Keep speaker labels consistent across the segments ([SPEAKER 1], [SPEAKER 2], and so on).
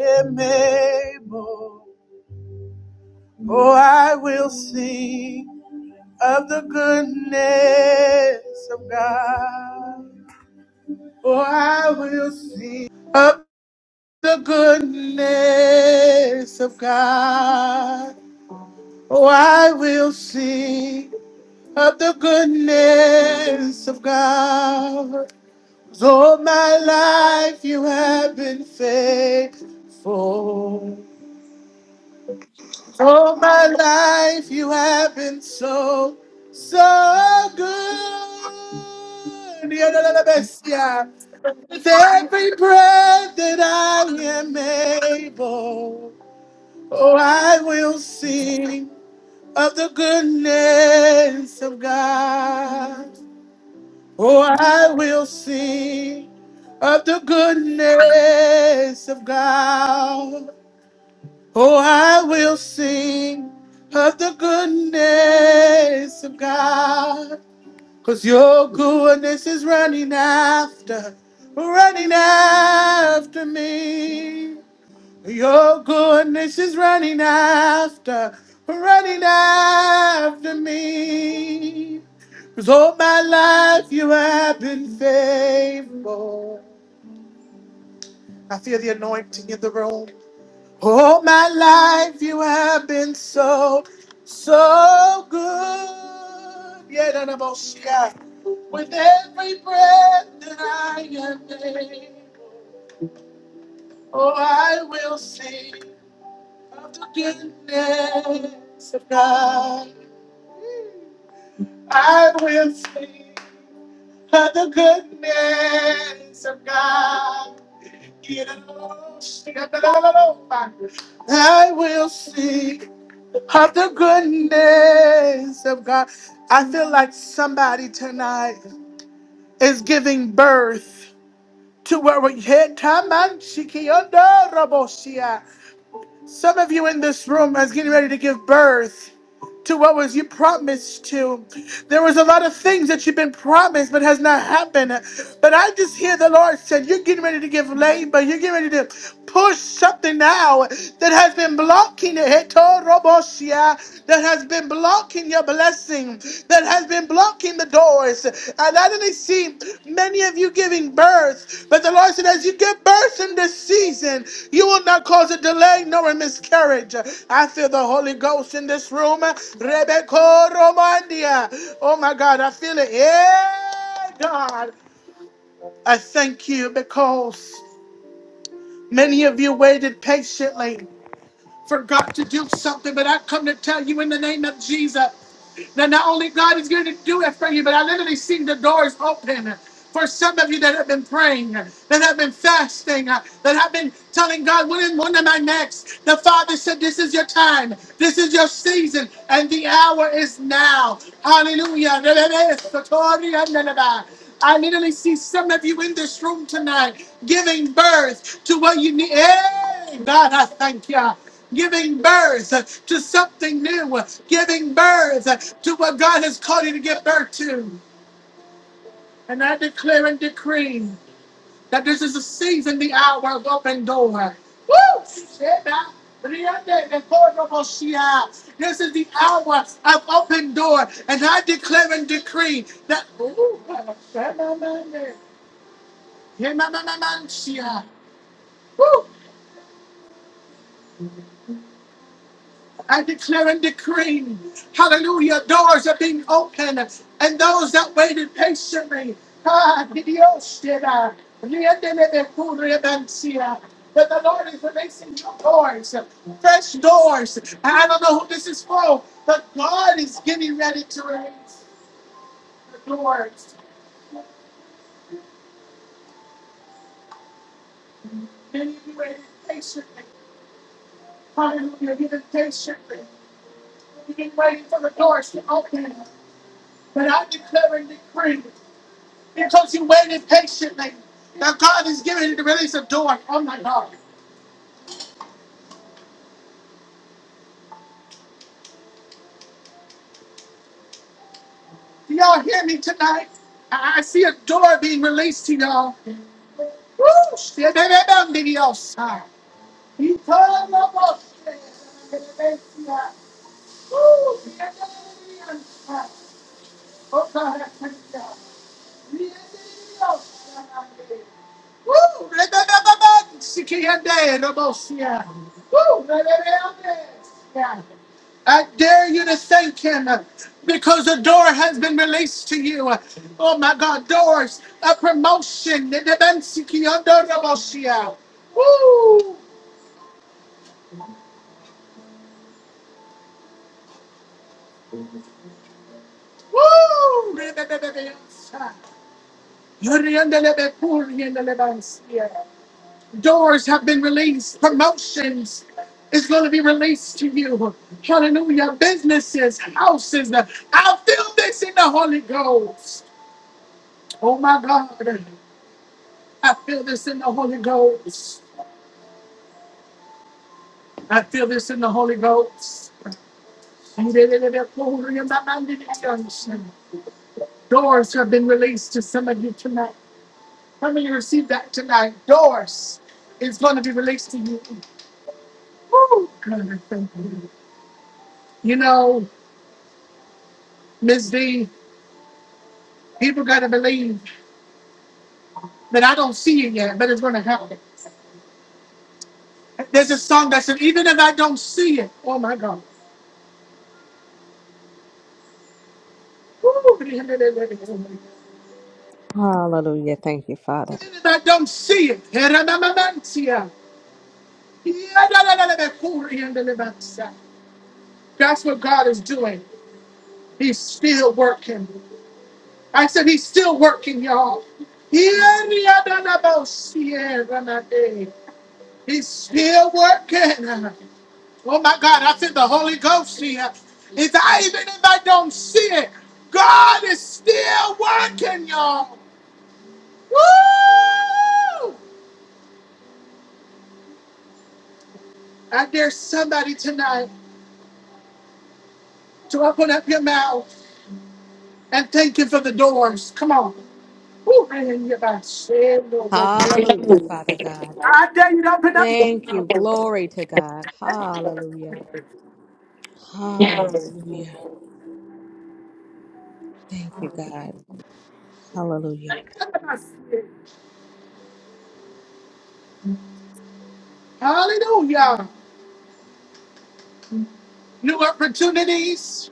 [SPEAKER 1] Emmanuel. Oh, Oh, I will sing of the goodness of God. Oh, I will sing of the goodness of God. Oh, I will sing of the goodness of God. 'Cause All my life you have been faithful. All my life you have been so, so good. Yadalabesia. With every breath that I am able, oh, I will sing of the goodness of God. Oh, I will sing of the goodness of God. Oh, I will sing of the goodness of God. Cause your goodness is running after, running after me. Your goodness is running after, running after me. Cause all my life you have been faithful. I feel the anointing in the room. All my life you have been so, so good. Yeah, no, no, most, yeah. With every breath that I am able, oh, I will sing of the goodness of God. I will sing of the goodness of God. Yeah, no, no, most, yeah, no, no, no, no. I will sing. of the goodness of God. I feel like somebody tonight is giving birth to where we hit time and some of you in this room is getting ready to give birth to what was you promised to. There was a lot of things that you've been promised but has not happened. But I just hear the Lord said, You're getting ready to give labor. You're getting ready to push something out that has been blocking it. Hetorobosia, That has been blocking your blessing. That has been blocking Knocking the doors, and I didn't see many of you giving birth. But the Lord said, as you give birth in this season, you will not cause a delay nor a miscarriage. I feel the Holy Ghost in this room. Rebecca Romandia. Oh my God, I feel it. Yeah, God. I thank you because many of you waited patiently for God to do something. But I come to tell you in the name of Jesus that not only God is going to do it for you, but I literally seen the doors open. For some of you that have been praying, that have been fasting, that have been telling God, when, am- when am I next? The Father said, This is your time, this is your season, and the hour is now. Hallelujah. I literally see some of you in this room tonight giving birth to what you need. Hey, God, I thank you giving birth uh, to something new, uh, giving birth uh, to what God has called you to give birth to. And I declare and decree that this is the season, the hour of open door. Woo! Sheba, Riande, de Cordo, Moshia. This is the hour of open door, and I declare and decree that. Woo! I declare and decree, hallelujah, doors are being opened, and those that waited patiently, ah, Dios te da, riéndeme de tu reverencia. that the Lord is releasing new doors, fresh doors. I don't know who this is for, but God is getting ready to release the doors. Many of you waited patiently, hallelujah, you've been patiently. You've been waiting for the doors to open, but I declare and decree. because you waited patiently. Now God is giving to release a door. Oh my God. Do y'all hear me tonight? I I see a door being released to y'all. Woo! Shit, baby, I'm gonna be your side. He told my boss, shit, I'm gonna be your side. Woo! shit, I'm gonna be your side. Oh God, I thank you. Woo! Re-be-be-be-be. Sikiyande, Rabosia. Woo! Re-be-be-be-be. I dare you to thank him uh, because a door has been released to you. Uh, Oh my God, doors, a promotion. Re-be-be-be-sikiyando, Rabosia. Woo! Woo! Re-be-be-be-be. Yoriandele-be-kuriandele-bansia. Doors have been released. Promotions is going to be released to you. Hallelujah. Businesses, houses. I feel this in the Holy Ghost. Oh my God. I feel this in the Holy Ghost. I feel this in the Holy Ghost. Doors have been released to some of you tonight. How many received that tonight? Doors is going to be released to you. Woo, God, I thank you. You know, Miss D. People gotta believe that I don't see it yet, but it's gonna happen. There's a song that said, even if I don't see it, oh my God. Woo! Even
[SPEAKER 2] Hallelujah. Thank you, Father.
[SPEAKER 1] if I don't see it, that's what God is doing. He's still working. I said, He's still working, y'all. He's still working. Oh my God, I said the Holy Ghost here. It's I even if I don't see it, God is still working, y'all. Woo! I dare somebody tonight to open up your mouth and thank Him for the doors. Come on. Woo, I hear you, Say, Lord, Lord.
[SPEAKER 2] Hallelujah, Father God.
[SPEAKER 1] I dare you to open up.
[SPEAKER 2] Thank you. Glory to God. Hallelujah.
[SPEAKER 1] your mouth.
[SPEAKER 2] Hallelujah. Thank you, God. Hallelujah.
[SPEAKER 1] Hallelujah. New opportunities.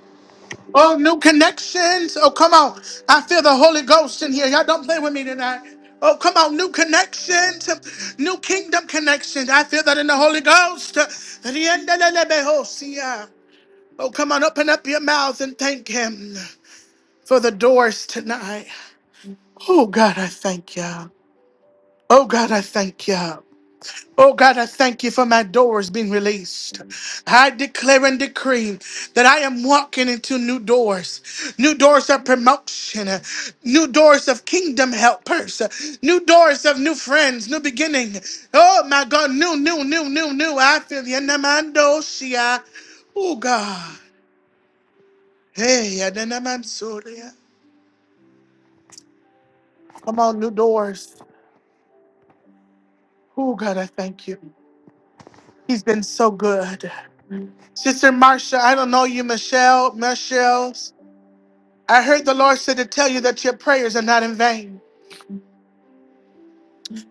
[SPEAKER 1] Oh, new connections. Oh, come on. I feel the Holy Ghost in here. Y'all don't play with me tonight. Oh, come on. New connections. New kingdom connections. I feel that in the Holy Ghost. Oh, come on. Open up your mouth and thank Him for the doors tonight. Oh, God, I thank you. Oh, God, I thank you. Oh God, I thank you for my doors being released. I declare and decree that I am walking into new doors, new doors of promotion, uh, new doors of kingdom helpers, uh, new doors of new friends, new beginning. Oh my God, new, new, new, new, new. I feel you. Namando Shia. Oh God. Hey, Adanamansoria. Come on, new doors. Oh God, I thank you. He's been so good. Sister Marsha, I don't know you, Michelle, Michelle. I heard the Lord said to tell you that your prayers are not in vain.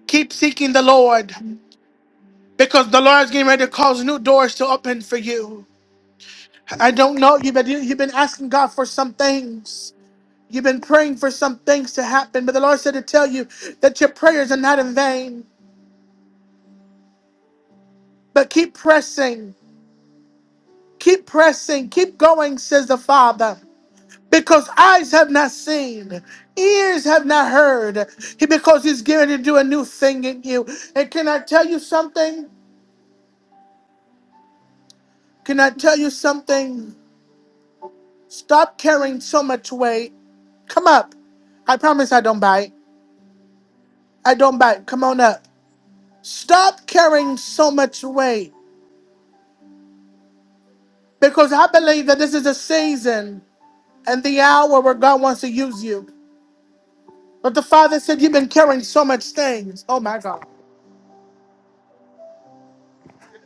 [SPEAKER 1] Keep seeking the Lord because the Lord is getting ready to cause new doors to open for you. I don't know you, but you, you've been asking God for some things. You've been praying for some things to happen, but the Lord said to tell you that your prayers are not in vain. But keep pressing, keep pressing, keep going, says the Father. Because eyes have not seen, ears have not heard, He- because He's going to do a new thing in you. And can I tell you something? Can I tell you something? Stop carrying so much weight. Come up. I promise I don't bite. I don't bite. Come on up. Stop carrying so much weight because I believe that this is a season and the hour where God wants to use you. But the Father said, You've been carrying so much things. Oh my God.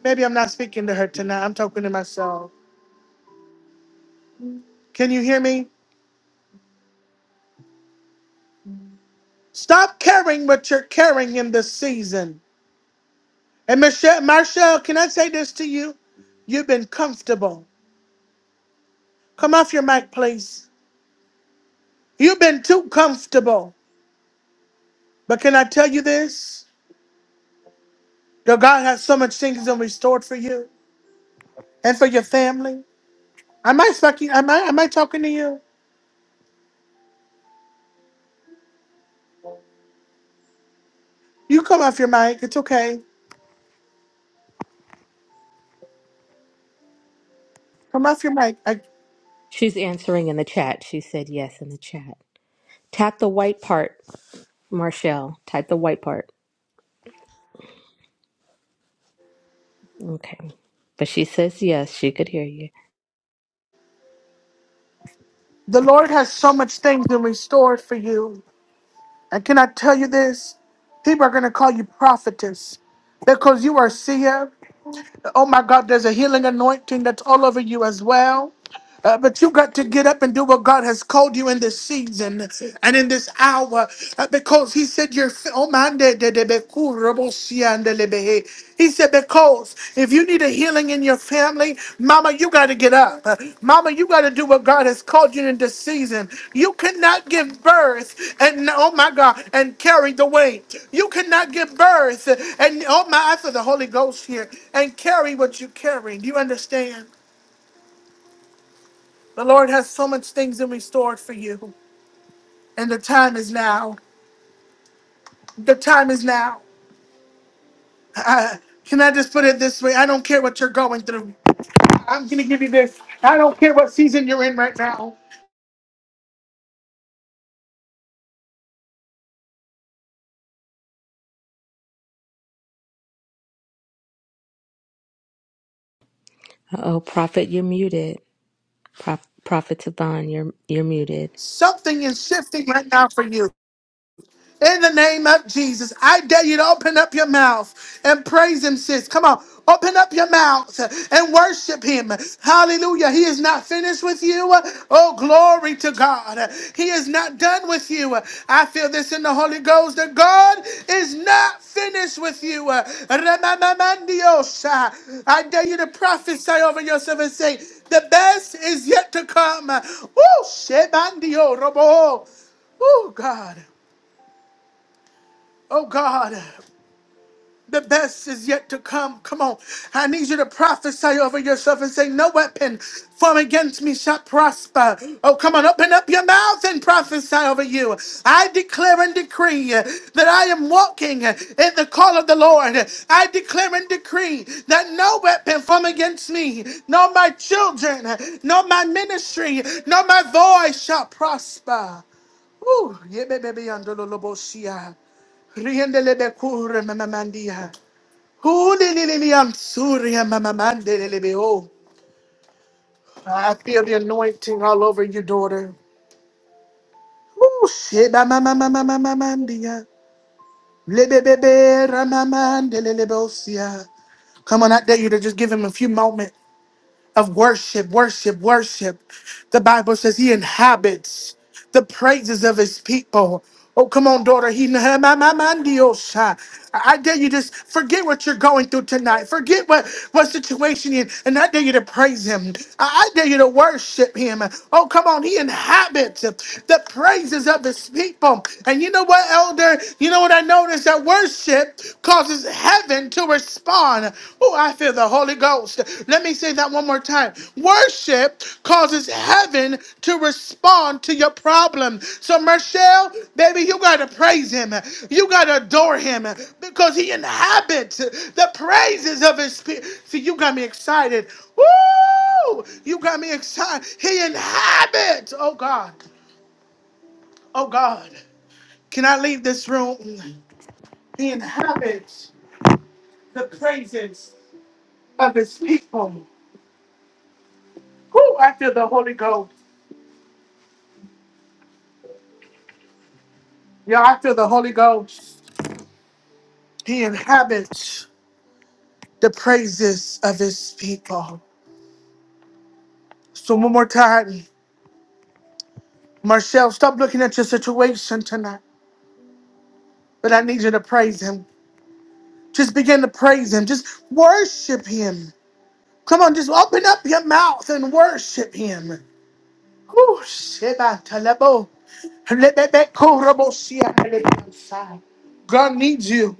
[SPEAKER 1] Maybe I'm not speaking to her tonight. I'm talking to myself. Can you hear me? Stop carrying what you're carrying in this season. And Michelle, Marshall, can I say this to you? You've been comfortable. Come off your mic, please. You've been too comfortable. But can I tell you this? Your God has so much things and restored for you and for your family. Am I fucking am I am I talking to you? You come off your mic. It's okay. Come off your mic. I,
[SPEAKER 2] She's answering in the chat. She said yes in the chat. Tap the white part, Marshall. Type the white part. Okay. But she says yes. She could hear you.
[SPEAKER 1] the Lord has so much things and restored for you. And can I tell you this? People are gonna call you prophetess because you are seer. Oh my God, there's a healing anointing that's all over you as well. Uh, but you got to get up and do what God has called you in this season and in this hour uh, because He said, You're. fi- Oh, man, de- de- de- be- ku- robo- si- and de- le- be- he. He said, Because if you need a healing in your family, Mama, you got to get up. Uh, Mama, you got to do what God has called you in this season. You cannot give birth and, oh my God, and carry the weight. You cannot give birth and, oh my, I feel the Holy Ghost here and carry what you carry. Do you understand? The Lord has so much things in restored for you, and the time is now. The time is now. Uh, can I just put it this way? I don't care what you're going through. I'm going to give you this. I don't care what season you're in right now.
[SPEAKER 2] Uh oh, Prophet, you're muted. Prof- Prophet Savan, you're you're muted.
[SPEAKER 1] Something is shifting right now for you. In the name of Jesus, I dare you to open up your mouth and praise Him, sis. Come on, open up your mouth and worship Him. Hallelujah. He is not finished with you. Oh, glory to God. He is not done with you. I feel this in the Holy Ghost that God is not finished with you. Remamamandiosa. I dare you to prophesy over yourself and say, The best is yet to come. Oh, Shebandio Robo. Oh, God. Oh God, the best is yet to come. Come on. I need you to prophesy over yourself and say, No weapon formed against me shall prosper. Oh, come on, open up your mouth and prophesy over you. I declare and decree uh, that I am walking uh, in the call of the Lord. I declare and decree that no weapon formed against me, nor my children, uh, nor my ministry, nor my voice shall prosper. Ooh, yeah, baby, baby, under the Riendelebe kure mamamandia. Hulililiam suria mamamandelebeo. I feel the anointing all over you, daughter. Ooh, sheba mamamamamamandia. Lebebebe ramamandelebeosia. Come on, I dare you to just give him a few moments. of worship, worship, worship. The Bible says he inhabits the praises of his people. Oh, come on, daughter. He ma- ma- ma- mandiosha. I I dare you just forget what you're going through tonight. Forget what, what situation you're in. And I dare you to praise him. I I dare you to worship him. Oh, come on. He inhabits the praises of his people. And you know what, elder? You know what I noticed? That worship causes heaven to respond. Oh, I feel the Holy Ghost. Let me say that one more time. Worship causes heaven to respond to your problem. So, Michelle, baby, you got to praise him. You got to adore him because he inhabits the praises of his spirit. See, you got me excited. Woo! You got me excited. He inhabits. Oh, God. Oh, God. Can I leave this room? He inhabits the praises. of his people. Who I feel the Holy Ghost. Yeah, I feel the Holy Ghost. He inhabits the praises of his people. So one more time, Marcel, stop looking at your situation tonight. But I need you to praise him. Just begin to praise him. Just worship him. Come on, just open up your mouth and worship him. Whew, Sheba Talabo. Lebebe Korobo Sia Lebebe God needs you.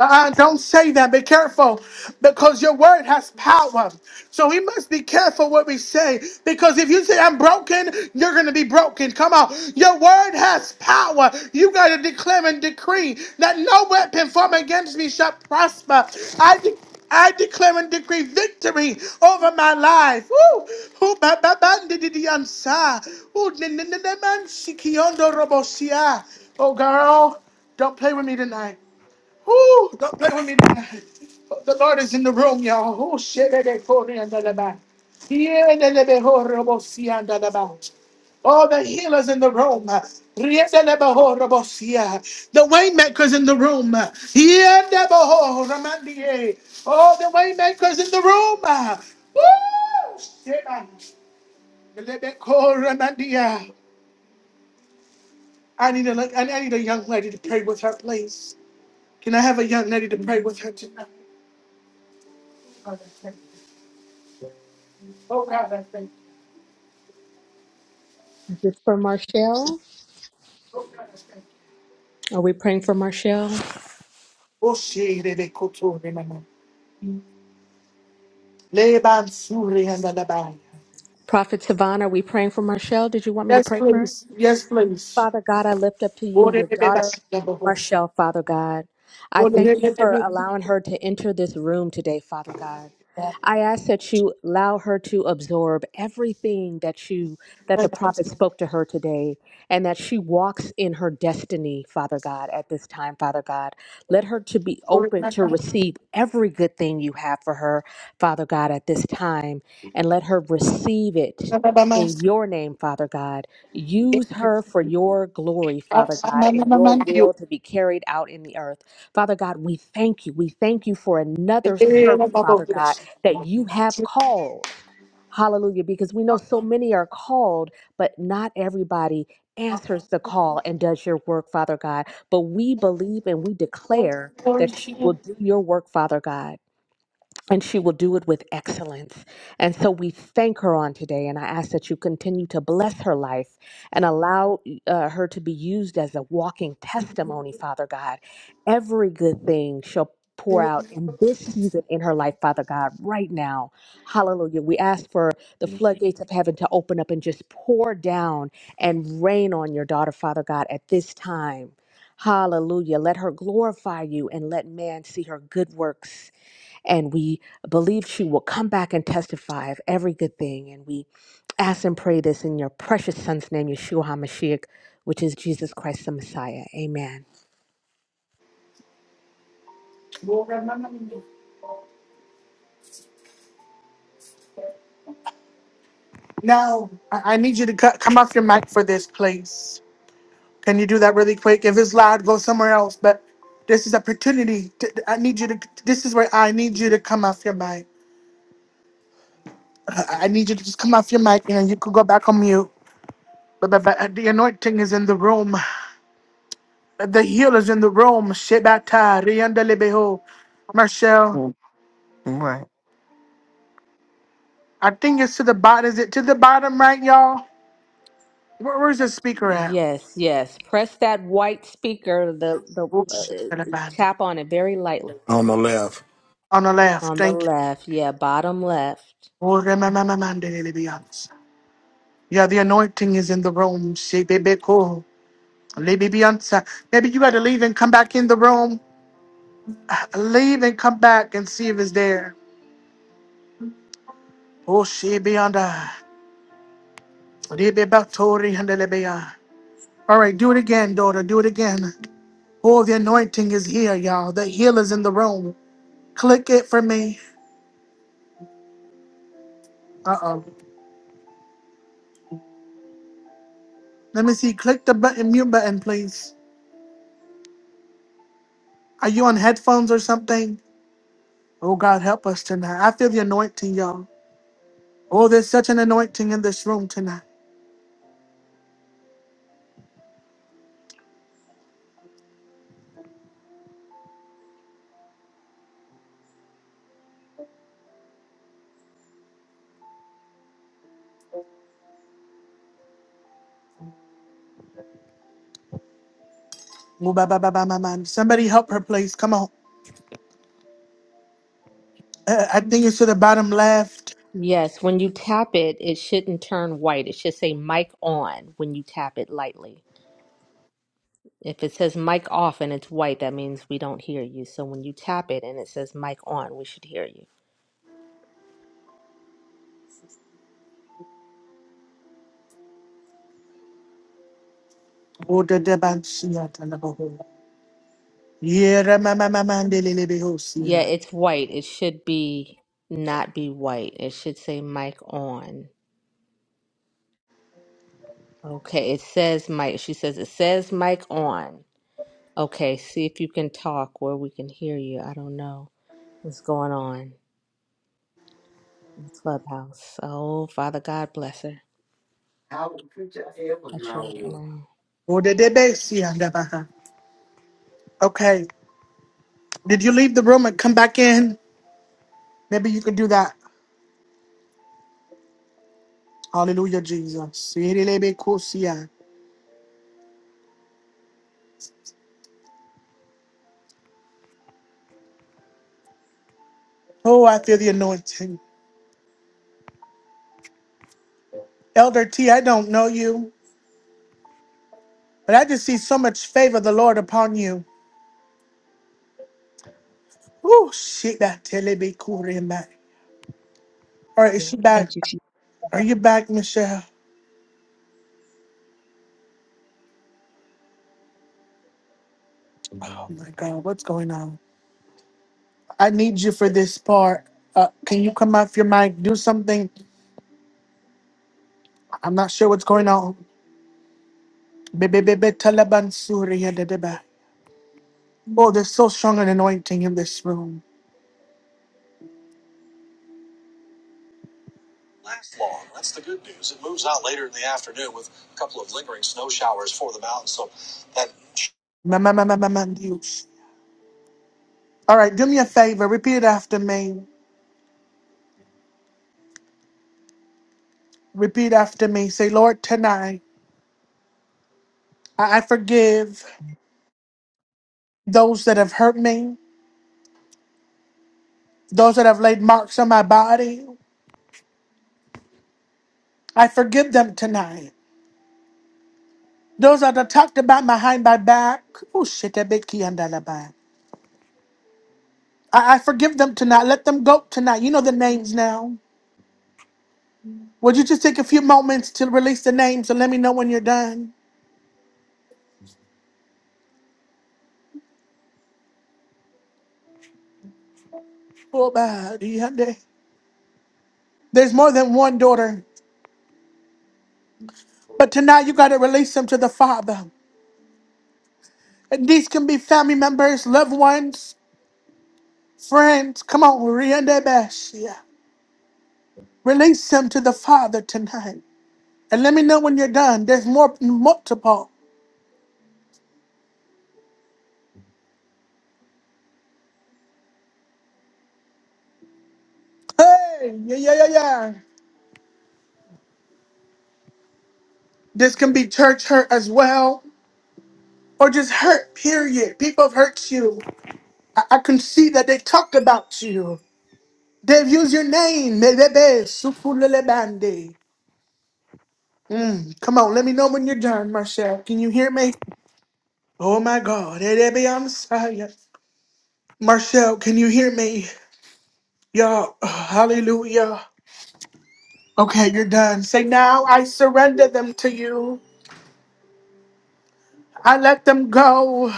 [SPEAKER 1] Uh, uh, don't say that. Be careful because your word has power. So we must be careful what we say because if you say, I'm broken, you're going to be broken. Come on. Your word has power. You got to declare and decree that no weapon formed against me shall prosper. I de I declare and decree victory over my life. Woo! Who ba ba ba di di di ansa. Ooh, ni- ni- ni- ni- man, shikiondo robosia. Oh girl, don't play with me tonight. Ooh, don't play with me tonight. The Lord is in the room, y'all. Oh, shit, they call me under the back. Yeah, they let me horrible see under the back. All the healers in the room. Yeah, they let me horrible see. The waymakers in the room. Yeah, they let me horrible see. All the waymakers in the room. Woo! shit, man. They let me horrible see. I need a I need a young lady to pray with her, please. Can I have a young lady to pray with her tonight? Yes,
[SPEAKER 2] Is this for Marshall? Are we praying for Marshall? Prophet Tavon, are we praying for Marshall? Did you want me to pray for her?
[SPEAKER 1] please. Yes, please.
[SPEAKER 2] Father God, I lift up to you your daughter, Marshall, Father God. I thank you for allowing her to enter this room today, Father God. I ask that you allow her to absorb everything that you that the prophet spoke to her today and that she walks in her destiny, Father God, at this time, Father God. Let her to be open to receive every good thing you have for her, Father God, at this time, and let her receive it in your name, Father God Use her for your glory, Father God, and your will to be carried out in the earth. Father God, we thank you. We thank you for another servant, Father God, that you have called. Hallelujah, because we know so many are called, but not everybody answers the call and does your work, Father God. But we believe and we declare that she will do your work, Father God and she will do it with excellence. And so we thank her on today, and I ask that you continue to bless her life and allow uh, her to be used as a walking testimony, Father God. Every good thing shall pour out in this season in her life, Father God, right now. Hallelujah. We ask for the floodgates of heaven to open up and just pour down and rain on your daughter, Father God, at this time. Hallelujah. Let her glorify you and let man see her good works and we believe she will come back and testify of every good thing. And we ask and pray this in your precious son's name, Yeshua HaMashiach, which is Jesus Christ the Messiah. Amen.
[SPEAKER 1] Now, I I need you to co- come off your mic for this, please. Can you do that really quick? If it's loud, go somewhere else. But this is opportunity. to- I need you to. This is where I need you to come off your mic. I I need you to just come off your mic, and you could go back on mute. But, but, but the anointing is in the room. The healer's in the room. Shebata riandelebeho. Marcel,
[SPEAKER 3] Right.
[SPEAKER 1] I think it's to the bottom. Is it to the bottom right, y'all? Where, where's the speaker at?
[SPEAKER 2] Yes, yes. Press that white speaker, the the
[SPEAKER 1] Oh, shit, on the
[SPEAKER 2] uh,
[SPEAKER 1] bottom.
[SPEAKER 2] tap on it very lightly
[SPEAKER 4] on the left.
[SPEAKER 1] On the left.
[SPEAKER 2] on the
[SPEAKER 1] Thank you.
[SPEAKER 2] left. Yeah, bottom left.
[SPEAKER 1] Oh, remember, Yeah, the anointing is in the room. Shebebeko. Maybe Libibiyanta. Maybe you gotta leave and come back in the room. Leave and come back and see if it's there. Oh, she Shibiyanda. Libibatori and Libiya. All right, do it again, daughter. Do it again. Oh, the anointing is here, y'all. The healer's in the room. Click it for me. Uh oh. Let me see. Click the button, mute button, please. Are you on headphones or something? Oh, God, help us tonight. I feel the anointing, y'all. Oh, there's such an anointing in this room tonight. Ooh, ba, ba, ba, ba, ba, ba. Somebody help her, please. Come on. Uh, I think it's to the bottom left.
[SPEAKER 2] Yes, when you tap it, it shouldn't turn white. It should say mic on when you tap it lightly. If it says mic off and it's white, that means we don't hear you. So when you tap it and it says mic on, we should hear you.
[SPEAKER 1] Oh, the debansia talabaho. Yeah, mama
[SPEAKER 2] Yeah,
[SPEAKER 1] mandelebehosia.
[SPEAKER 2] it's white. It should be not be white. It should say mic on. Okay, it says mic. She says it says mic on. Okay, see if you can talk where we can hear you. I don't know what's going on in Clubhouse. Oh, Father God bless her. Touch her right now.
[SPEAKER 1] Oh, the debesia ndabaha. Okay. Did you leave the room and come back in? Maybe you could do that. Hallelujah, Jesus. Yerelebekosia. Oh, I feel the anointing. Elder T, I don't know you, but I just see so much favor of the Lord upon you. Oh, shit, that telebekurimba. All right, is
[SPEAKER 5] Yeah.
[SPEAKER 1] she back?
[SPEAKER 5] Thank you, Jesus.
[SPEAKER 1] Are you back, Michelle? Oh my God, what's going on? I need you for this part. Uh, can you come off your mic? Do something. I'm not sure what's going on. Be- be- be- be- Taliban Suri ya dadeba. Oh, there's so strong an anointing in this room.
[SPEAKER 6] last long. That's the good news. It moves out later in the afternoon with a couple of lingering snow showers for the mountains. So that
[SPEAKER 1] Ma- ma- ma- ma- ma- ma- Dios. All right, do me a favor. Repeat after me. Repeat after me. Say, Lord, tonight I I forgive those that have hurt me, those that have laid marks on my body. I forgive them tonight. Those that have talked about behind my back. Oh, shit, that big key I, I forgive them tonight. Let them go tonight. You know the names now. Would you just take a few moments to release the names and let me know when you're done? Oh, God, yeah, they- There's more than one daughter, but tonight you got to release them to the Father. And these can be family members, loved ones, friends. Come on, Riende Bash. Yeah. Release them to the Father tonight. And let me know when you're done. There's more multiple. Hey, yeah, yeah, yeah, yeah. This can be church hurt as well. or just hurt, period. People have hurt you. I, I can see that they talked about you. They've used your name. Melebe, Supulelebande. Mm, come on, let me know when you're done, Marcel. Can you hear me? Oh my God. Erebe, I'm sorry. Marcel, can you hear me? Y'all, hallelujah. Okay, you're done. Say, now I surrender them to you. I let them go.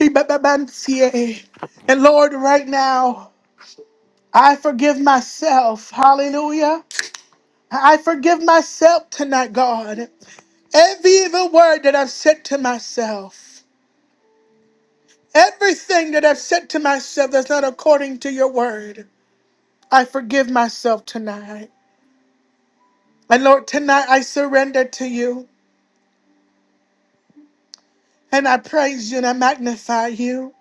[SPEAKER 1] Ibababansie. And Lord, right now, I forgive myself. Hallelujah. I forgive myself tonight, God. Every evil word that I've said to myself, everything that I've said to myself that's not according to your word, I forgive myself tonight. And Lord, tonight I surrender to you and I praise you and I magnify you.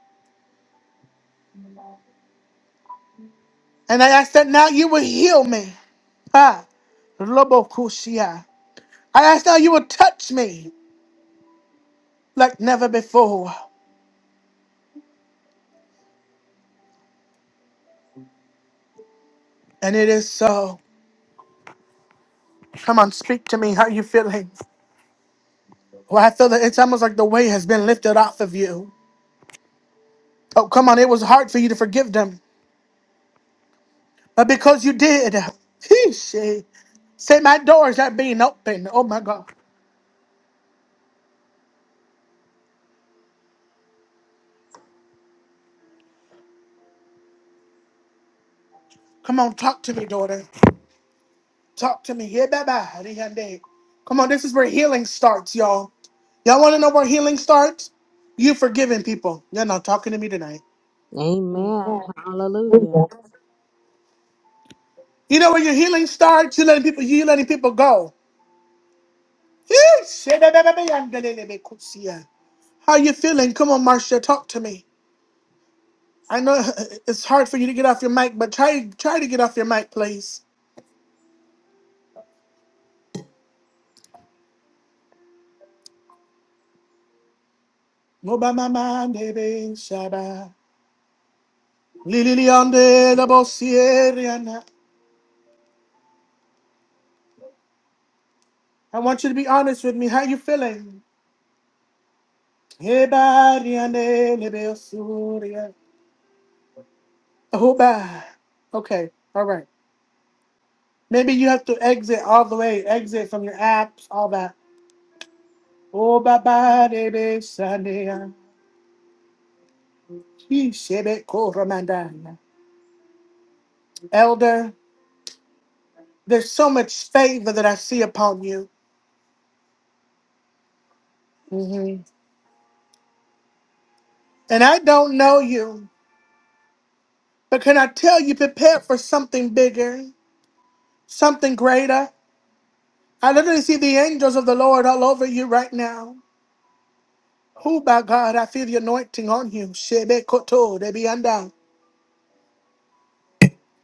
[SPEAKER 1] And I ask that now you will heal me. Ah, Lobokushia. I ask now you will touch me like never before. And it is so. Come on, speak to me. How you feeling? Well, I feel that it's almost like the weight has been lifted off of you. Oh, come on, it was hard for you to forgive them, but because you did, he said, say my door is not being open. Oh my God, come on, talk to me, daughter. Talk to me. Yeah, bye bye. Come on, this is where healing starts, y'all. Y'all want to know where healing starts? You forgiving people. You're not talking to me tonight.
[SPEAKER 2] Amen. Hallelujah.
[SPEAKER 1] You know where your healing starts? You letting people. You letting people go. He How you feeling? Come on, Marcia, talk to me. I know it's hard for you to get off your mic, but try try to get off your mic, please. Go by my mind, baby. Shaba. Lili Leonde, la Bosieriana. I want you to be honest with me. How you feeling? Eba, Riane, lebe osuria. Oba. Okay, all right. Maybe you have to exit all the way, exit from your apps, all that. Oh, baba, baby, Sunday. He shebe ko ramandana. Elder, there's so much favor that I see upon you. Mhm. And I don't know you, but can I tell you, prepare for something bigger, something greater? I literally see the angels of the Lord all over you right now. Who by God, I feel the anointing on you. Shebe koto, de be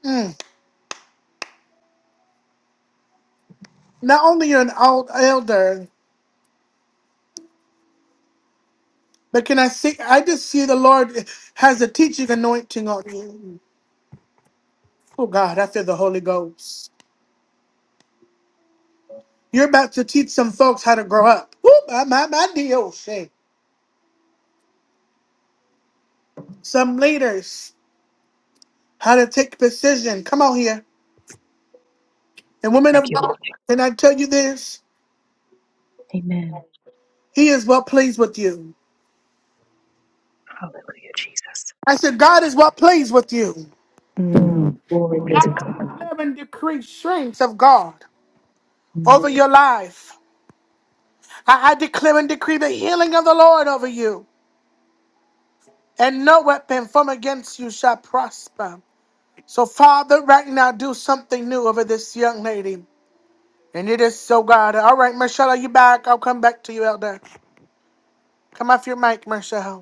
[SPEAKER 1] Mm. Not only you're an old elder, but can I see? I just see the Lord has a teaching anointing on you. Oh God, I feel the Holy Ghost. You're about to teach some folks how to grow up. Woo, my, my, my, DOC. Some leaders. how to take precision. Come on here. And women
[SPEAKER 5] Thank
[SPEAKER 1] of
[SPEAKER 5] you,
[SPEAKER 1] God,
[SPEAKER 5] Lord.
[SPEAKER 1] can I tell you this?
[SPEAKER 5] Amen.
[SPEAKER 1] He is well pleased with you.
[SPEAKER 5] Hallelujah, Jesus.
[SPEAKER 1] I said, God is well pleased with you.
[SPEAKER 5] Mm. Glory be
[SPEAKER 1] I
[SPEAKER 5] to God.
[SPEAKER 1] declare and decree strength of God
[SPEAKER 5] Mm.
[SPEAKER 1] over your life. I, I declare and decree the healing of the Lord over you. And no weapon from against you shall prosper. So, Father, right now, do something new over this young lady. And it is so God. All right, Michelle, are you back? I'll come back to you, Elder. Come off your mic, Michelle.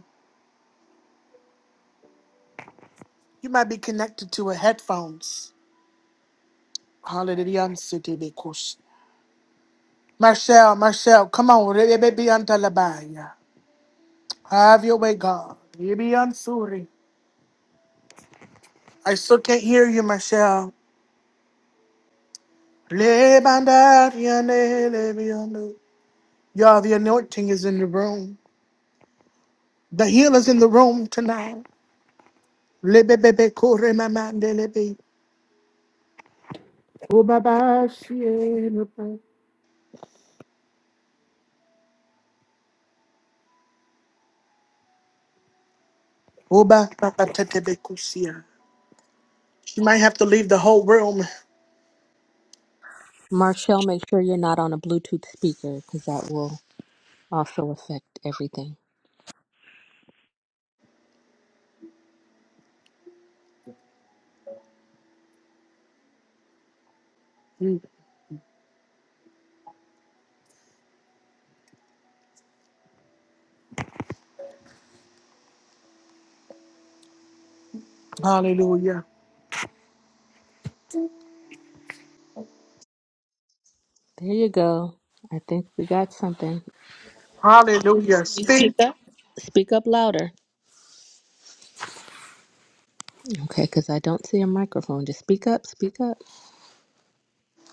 [SPEAKER 1] You might be connected to a headphones. Hallelujah. I'm Michelle, Michelle, come on. re- re- be on Talabaya. Have your way, God. You be on I still can't hear you, Michelle. Le banda riane, le biano. Y'all, the anointing is in the room. The healer's in the room tonight. Le be be be kore mamande le be. Oba ba shie Oba ba Oh, ba te te be kusia. She might have to leave the whole room.
[SPEAKER 2] Marshall, make sure you're not on a Bluetooth speaker because that will also affect everything.
[SPEAKER 1] Mm. Hallelujah.
[SPEAKER 2] There you go. I think we got something.
[SPEAKER 1] Hallelujah.
[SPEAKER 2] Can You speak
[SPEAKER 1] Speak,
[SPEAKER 2] up. Speak up louder. Okay, because I don't see a microphone. Just speak up, speak up.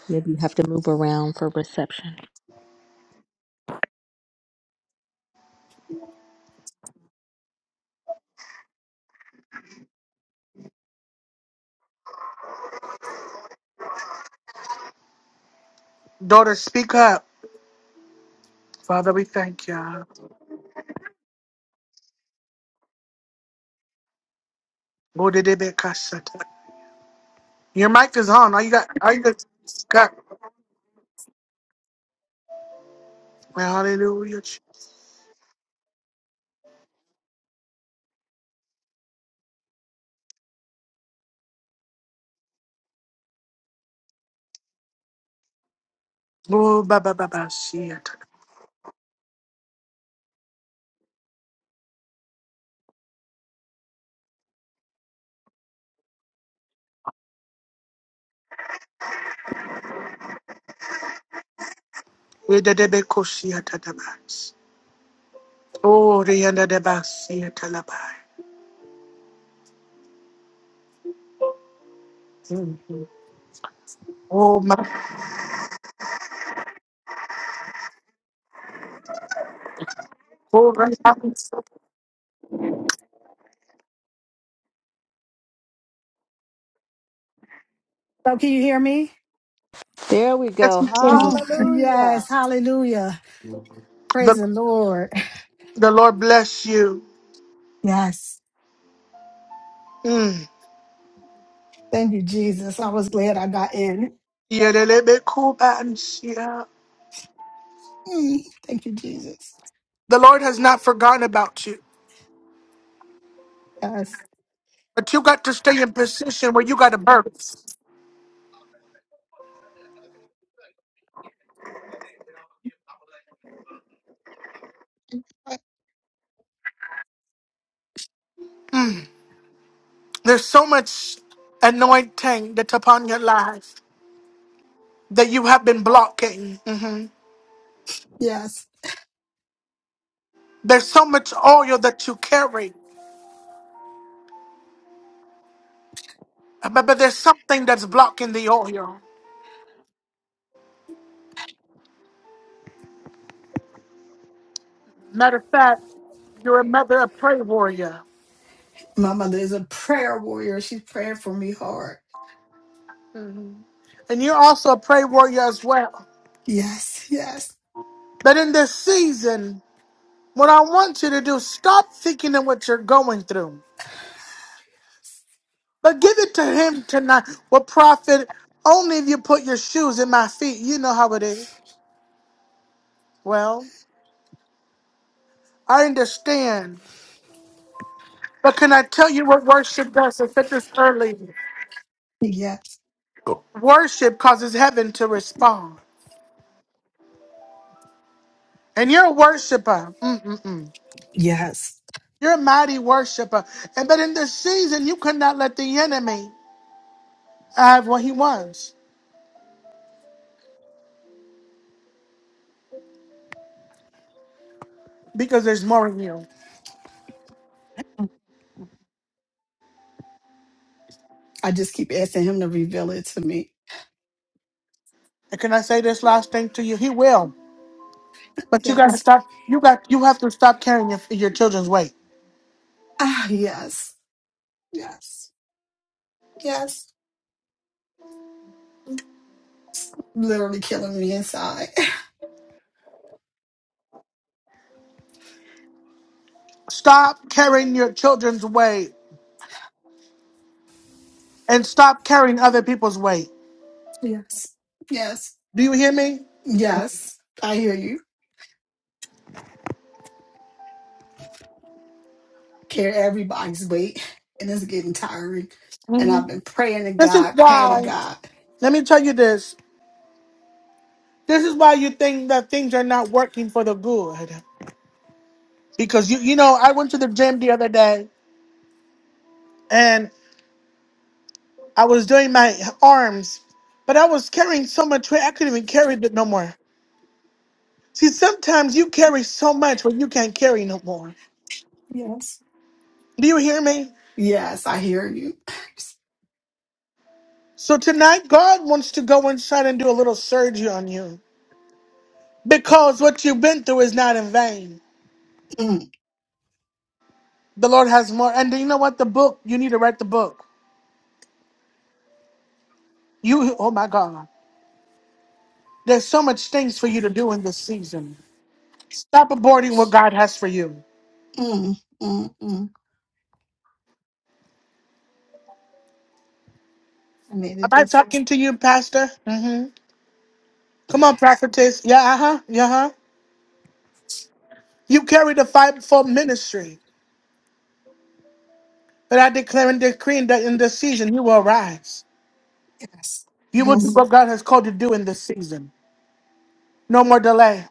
[SPEAKER 2] Maybe you have to move around for reception.
[SPEAKER 1] daughter, speak up. Father, we thank you. Bodidibikasata. Your mic is on. All you got, all you got, got. Hallelujah. Oh, ba ba ba ba, see it. Wededebekoshiatadabas. Oh, riandadabasiatalabai. Mm. Oh, my. Oh, right now, it's so-
[SPEAKER 7] So can you hear me?
[SPEAKER 2] There we
[SPEAKER 1] yes,
[SPEAKER 2] go.
[SPEAKER 1] we can.
[SPEAKER 7] Oh,
[SPEAKER 2] Hallelujah.
[SPEAKER 7] yes. Hallelujah.
[SPEAKER 1] The,
[SPEAKER 7] Praise the Lord.
[SPEAKER 1] the Lord bless you.
[SPEAKER 7] Yes.
[SPEAKER 1] Mm.
[SPEAKER 7] Thank you, Jesus. I was glad I got in.
[SPEAKER 1] Yedelebekubansia. The little bit cool button, see ya.
[SPEAKER 7] Mm, thank you, Jesus.
[SPEAKER 1] The Lord has not forgotten about you.
[SPEAKER 7] Yes.
[SPEAKER 1] But you got to stay in position where you got to birth. There's so much anointing that's upon your life that you have been blocking. Mhm.
[SPEAKER 7] Yes.
[SPEAKER 1] There's so much oil that you carry, but, but there's something that's blocking the oil. Matter of fact, you're a mother, a prayer warrior,
[SPEAKER 7] My mother is a prayer warrior. She's praying for me hard.
[SPEAKER 1] Mhm. and you're also a prayer warrior as well.
[SPEAKER 7] Yes. Yes.
[SPEAKER 1] But in this season, what I want you to do, stop thinking of what you're going through. But give it to him tonight. What profit? Only if you put your shoes in my feet. You know how it is. Well, I understand. But can I tell you what worship does? I said this early.
[SPEAKER 7] Yes.
[SPEAKER 1] Worship causes heaven to respond. And you're a worshiper. Mm-mm-mm.
[SPEAKER 7] Yes.
[SPEAKER 1] You're a mighty worshiper. And but in this season, you could not let the enemy have what he wants because there's more in you.
[SPEAKER 7] I just keep asking him to reveal it to me.
[SPEAKER 1] And can I say this last thing to you? He will. But you gotta
[SPEAKER 7] Yes.
[SPEAKER 1] stop. You got. You have to stop carrying your, your children's weight.
[SPEAKER 7] Ah, yes. Yes. Yes. Literally killing me inside.
[SPEAKER 1] Stop carrying your children's weight and stop carrying other people's weight.
[SPEAKER 7] Yes. Yes.
[SPEAKER 1] Do you hear me?
[SPEAKER 7] Yes. I hear you. carry everybody's weight, and it's getting tiring. And
[SPEAKER 1] hmm
[SPEAKER 7] I've been praying to
[SPEAKER 1] This is
[SPEAKER 7] God, praying to
[SPEAKER 1] why,
[SPEAKER 7] God.
[SPEAKER 1] let me tell you this. This is why you think that things are not working for the good. Because you you know, I went to the gym the other day and I was doing my arms, but I was carrying so much weight I couldn't even carry it no more. See, sometimes you carry so much when you can't carry no more.
[SPEAKER 7] Yes,
[SPEAKER 1] Do you hear me?
[SPEAKER 7] yes, I hear you.
[SPEAKER 1] So tonight God wants to go inside and do a little surgery on you. Because what you've been through is not in vain.
[SPEAKER 7] Mm,
[SPEAKER 1] The Lord has more. And you know what? The book, you need to write the book. You, oh my God. There's so much things for you to do in this season. Stop aborting what God has for you.
[SPEAKER 7] mm, mm, mm. I
[SPEAKER 1] Am
[SPEAKER 7] needed
[SPEAKER 1] I
[SPEAKER 7] this.
[SPEAKER 1] talking to you, Pastor? Mm-hmm. Come on, prophetess. Yeah, uh-huh. Yeah, uh-huh. You carry the fight for ministry. But I declare and decree that in this season you will rise.
[SPEAKER 7] Yes,
[SPEAKER 1] You will do
[SPEAKER 7] yes.
[SPEAKER 1] what God has called you to do in this season. No more delay.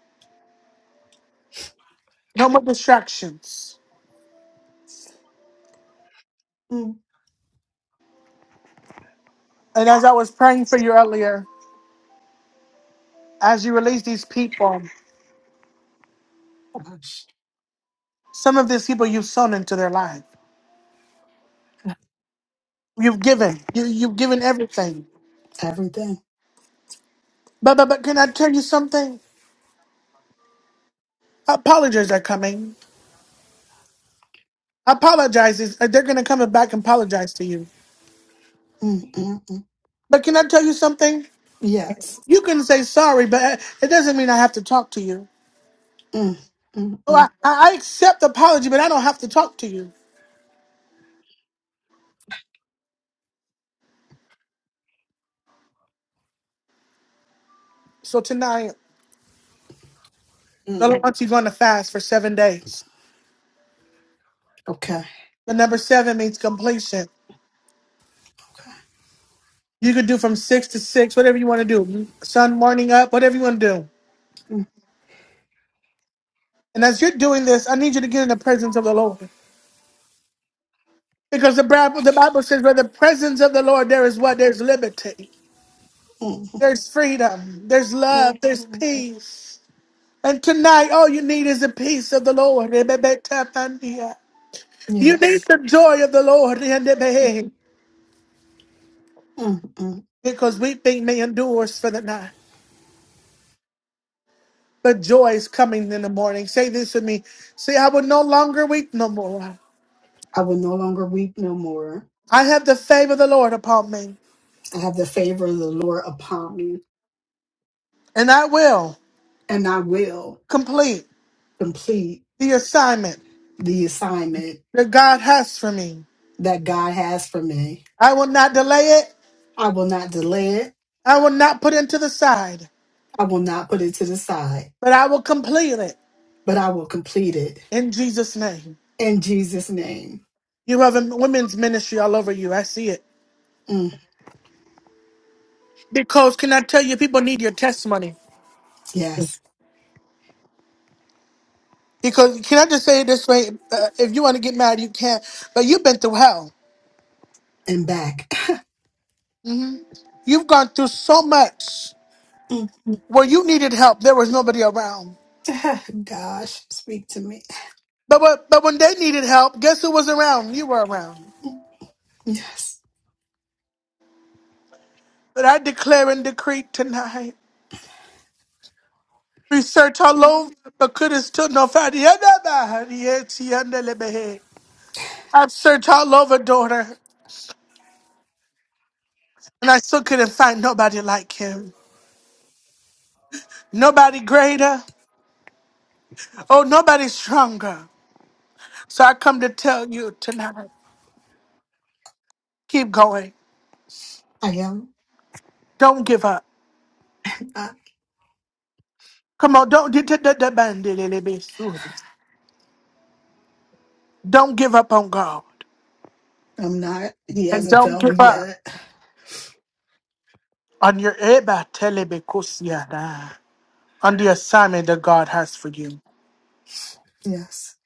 [SPEAKER 1] No more distractions.
[SPEAKER 7] Mm.
[SPEAKER 1] And as I was praying for you earlier, As you release these people,
[SPEAKER 7] Gosh,
[SPEAKER 1] some of these people you've sown into their life. You've given. You, you've given everything.
[SPEAKER 7] everything.
[SPEAKER 1] But, but, but can I tell you something? Apologies are coming. Apologizes. They're going to come back and apologize to you.
[SPEAKER 7] Mm, mm, mm.
[SPEAKER 1] But can I tell you something?
[SPEAKER 7] Yes.
[SPEAKER 1] You can say sorry, but uh, it doesn't mean I have to talk to you.
[SPEAKER 7] Mm, mm,
[SPEAKER 1] Oh, I,
[SPEAKER 7] mm,
[SPEAKER 1] I I accept apology, but I don't have to talk to you. So tonight, the
[SPEAKER 7] mm.
[SPEAKER 1] Lord wants you going to fast for seven days.
[SPEAKER 7] Okay.
[SPEAKER 1] The number seven means completion.
[SPEAKER 7] Okay.
[SPEAKER 1] You could do from six to six, whatever you want to do. Sun morning up, whatever you want to do.
[SPEAKER 7] Mm,
[SPEAKER 1] And as you're doing this, I need you to get in the presence of the Lord. Because the Bible, the Bible says, where the presence of the Lord, there is what? There's liberty,
[SPEAKER 7] mm,
[SPEAKER 1] there's freedom, there's love,
[SPEAKER 7] mm,
[SPEAKER 1] there's
[SPEAKER 7] mm.
[SPEAKER 1] peace. And tonight, all you need is the peace of the Lord. You need
[SPEAKER 7] Yes.
[SPEAKER 1] the joy of the
[SPEAKER 7] Mm,
[SPEAKER 1] Lord.
[SPEAKER 7] mm.
[SPEAKER 1] Because weeping may endures for the night, but joy is coming in the morning. Say this with me. Say, I will no longer weep no more.
[SPEAKER 7] I will no longer weep no more.
[SPEAKER 1] I have the favor of the Lord upon me,
[SPEAKER 7] I have the favor of the Lord upon me,
[SPEAKER 1] and I will
[SPEAKER 7] and I will.
[SPEAKER 1] complete
[SPEAKER 7] complete
[SPEAKER 1] the assignment
[SPEAKER 7] the assignment
[SPEAKER 1] that God has for me.
[SPEAKER 7] that God has for me.
[SPEAKER 1] I will not delay it.
[SPEAKER 7] I will not delay it.
[SPEAKER 1] I will not put it to the side,
[SPEAKER 7] I will not put it to the side,
[SPEAKER 1] but I will complete it
[SPEAKER 7] but I will complete it
[SPEAKER 1] in Jesus' name.
[SPEAKER 7] in Jesus' name.
[SPEAKER 1] You have a women's ministry all over you. I see it.
[SPEAKER 7] Mm,
[SPEAKER 1] Because can I tell you, people need your testimony.
[SPEAKER 7] yes,
[SPEAKER 1] Because can I just say it this way? Uh, if you want to get mad, you can. But you've been through hell.
[SPEAKER 7] and back.
[SPEAKER 1] You've gone through so much
[SPEAKER 7] Mm,
[SPEAKER 1] where you needed help. There was nobody around.
[SPEAKER 7] Gosh, speak to me.
[SPEAKER 1] But when, but when they needed help, guess who was around? You were around.
[SPEAKER 7] Yes,
[SPEAKER 1] But I declare and decree tonight. We search all
[SPEAKER 7] Mm,
[SPEAKER 1] over, but couldn't still no find the other man. Yes, he under the bed. I've searched all over, daughter, and I still couldn't find nobody like him. Nobody greater. Oh, nobody stronger. So I come to tell you tonight. Keep going.
[SPEAKER 7] I am.
[SPEAKER 1] Don't give up.
[SPEAKER 7] I,
[SPEAKER 1] Come on, don't don't give up on God.
[SPEAKER 7] I'm not. He
[SPEAKER 1] And
[SPEAKER 7] hasn't
[SPEAKER 1] don't
[SPEAKER 7] failed me
[SPEAKER 1] give up.
[SPEAKER 7] yet.
[SPEAKER 1] on your Eba telebekusiana, on the assignment that God has for you.
[SPEAKER 7] Yes,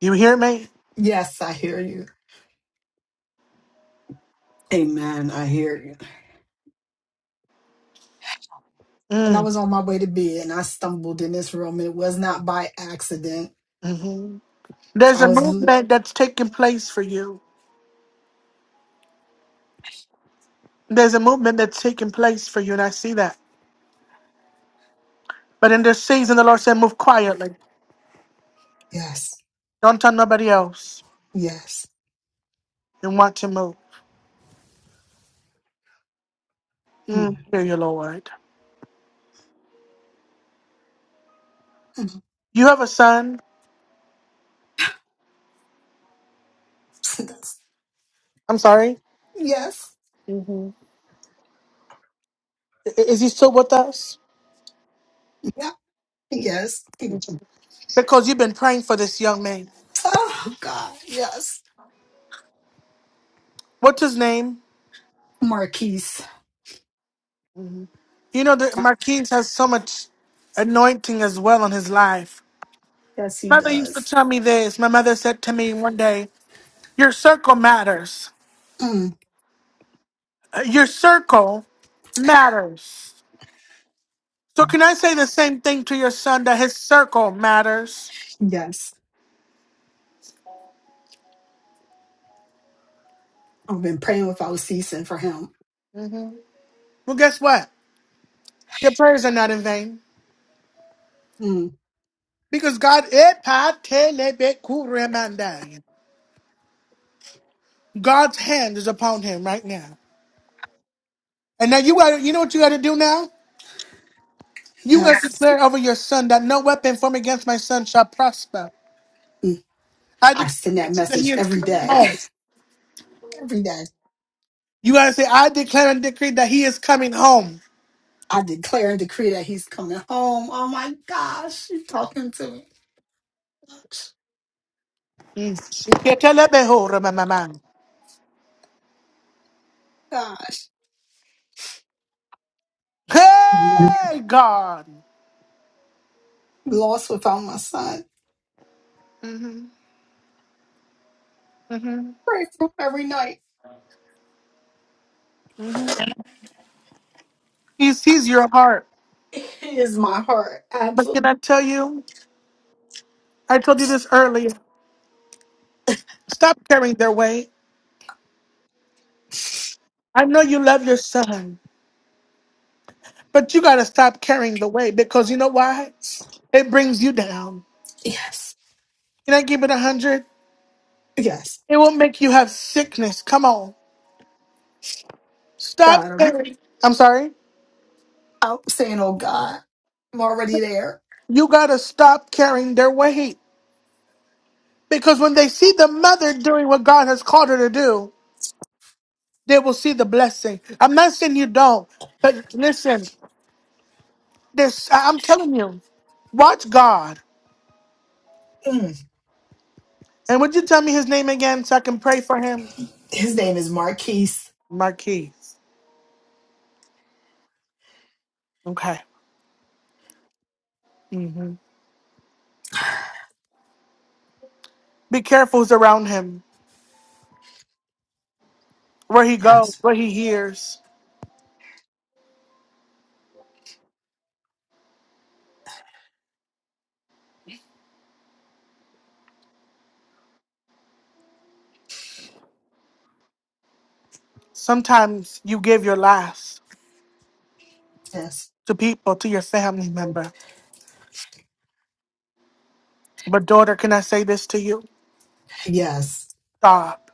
[SPEAKER 1] You hear me?
[SPEAKER 7] yes, I hear you. Amen. I hear you. And I
[SPEAKER 1] Mm,
[SPEAKER 7] was on my way to bed and I stumbled in this room. It was not by accident.
[SPEAKER 1] mhm. There's
[SPEAKER 7] I
[SPEAKER 1] a
[SPEAKER 7] was,
[SPEAKER 1] movement that's taking place for you. There's a movement that's taking place for you, and I see that. But in this season, the Lord said, move quietly.
[SPEAKER 7] yes.
[SPEAKER 1] Don't tell nobody else
[SPEAKER 7] Yes.
[SPEAKER 1] you want to move. Mm,
[SPEAKER 7] Mm,
[SPEAKER 1] hear you, Lord.
[SPEAKER 7] mm.
[SPEAKER 1] You have a son.
[SPEAKER 7] That's-
[SPEAKER 1] I'm sorry.
[SPEAKER 7] yes.
[SPEAKER 1] hmm Is he still with us?
[SPEAKER 7] Yeah. Yes. Mm.
[SPEAKER 1] Because you've been praying for this young man.
[SPEAKER 7] Oh God. Yes.
[SPEAKER 1] What's his name?
[SPEAKER 7] Marquise.
[SPEAKER 1] You know that Marquise has so much anointing as well on his life.
[SPEAKER 7] Yes, he
[SPEAKER 1] Mother used to
[SPEAKER 7] does.
[SPEAKER 1] tell me this. My mother said to me one day, "Your circle matters.
[SPEAKER 7] Mm,
[SPEAKER 1] Uh, Your circle matters." So can I say the same thing to your son that his circle matters?
[SPEAKER 7] yes. I've been praying without ceasing for him.
[SPEAKER 1] Well, guess what? Your prayers are not in vain
[SPEAKER 7] Mm,
[SPEAKER 1] because God God's hand is upon him right now. And now you got to you know what you got to do now? You have
[SPEAKER 7] yes.
[SPEAKER 1] declared over your son that no weapon formed against my son shall prosper.
[SPEAKER 7] Mm.
[SPEAKER 1] I
[SPEAKER 7] I
[SPEAKER 1] declare
[SPEAKER 7] send
[SPEAKER 1] and
[SPEAKER 7] that
[SPEAKER 1] decree that he
[SPEAKER 7] message
[SPEAKER 1] is
[SPEAKER 7] every
[SPEAKER 1] coming
[SPEAKER 7] day.
[SPEAKER 1] home.
[SPEAKER 7] Every day.
[SPEAKER 1] You gotta say, I declare and decree that he is coming home.
[SPEAKER 7] I declare and decree that he's coming home. Oh my gosh. You're talking to me. Gosh.
[SPEAKER 1] Mm. Shiketelebeho, ramamama.
[SPEAKER 7] Gosh. I'm
[SPEAKER 1] Hey, God.
[SPEAKER 7] Lost without my son.
[SPEAKER 1] hmm hmm
[SPEAKER 7] Pray for him every night.
[SPEAKER 1] hmm He sees your heart.
[SPEAKER 7] He is my heart.
[SPEAKER 1] But
[SPEAKER 7] Absolutely.
[SPEAKER 1] can I tell you? I told you this earlier. Stop carrying their weight. I know you love your son, but you gotta stop carrying the weight because you know why? It brings you down.
[SPEAKER 7] Yes.
[SPEAKER 1] Can I give it a hundred?
[SPEAKER 7] Yes,
[SPEAKER 1] It will make you have sickness. Come on. Stop
[SPEAKER 7] got him.
[SPEAKER 1] carrying. I'm sorry.
[SPEAKER 7] I'm saying, oh God, I'm already there.
[SPEAKER 1] You got to stop carrying their weight. Because when they see the mother doing what God has called her to do, they will see the blessing. I'm not saying you don't, but listen, this I- I'm telling you, watch God.
[SPEAKER 7] Mm.
[SPEAKER 1] And would you tell me his name again so I can pray for him?
[SPEAKER 7] His name is Marquise.
[SPEAKER 1] Marquis. Okay. hmm Be careful who's around him, where he goes,
[SPEAKER 7] Yes,
[SPEAKER 1] what he hears. Sometimes you give your last.
[SPEAKER 7] yes,
[SPEAKER 1] to people, to your family member. But daughter, can I say this to you?
[SPEAKER 7] yes,
[SPEAKER 1] Stop.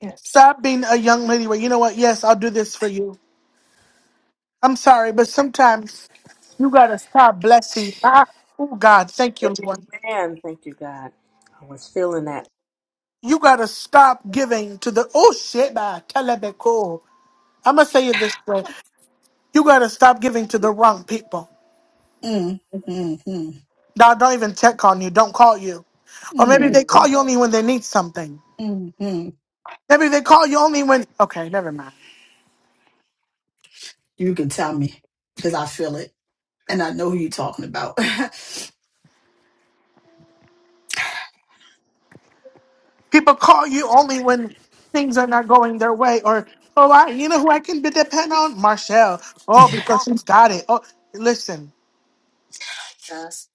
[SPEAKER 7] yes.
[SPEAKER 1] Stop being a young lady where you know what? Yes, I'll do this for you. I'm sorry, but sometimes you gotta stop blessing. Ah, Oh God, thank you, Lord.
[SPEAKER 2] Amen. Thank you, God. I was feeling that.
[SPEAKER 1] You gotta stop giving to the oh shit, bah, telebeko. I'ma say it this way. You gotta stop giving to the wrong people.
[SPEAKER 7] Mm, mm, mm,
[SPEAKER 1] Now don't even check on you. Don't call you. Or maybe they
[SPEAKER 7] mm,
[SPEAKER 1] call
[SPEAKER 7] mm,
[SPEAKER 1] you only when they need something.
[SPEAKER 7] mm, mm.
[SPEAKER 1] Maybe they call you only when okay, never mind.
[SPEAKER 7] You can tell me because I feel it and I know who you're talking about.
[SPEAKER 1] People call you only when things are not going their way, or oh, I, you know who I can be depend on, Marshall. Oh, because
[SPEAKER 7] yeah.
[SPEAKER 1] she's got it. Oh, listen,
[SPEAKER 7] Yes.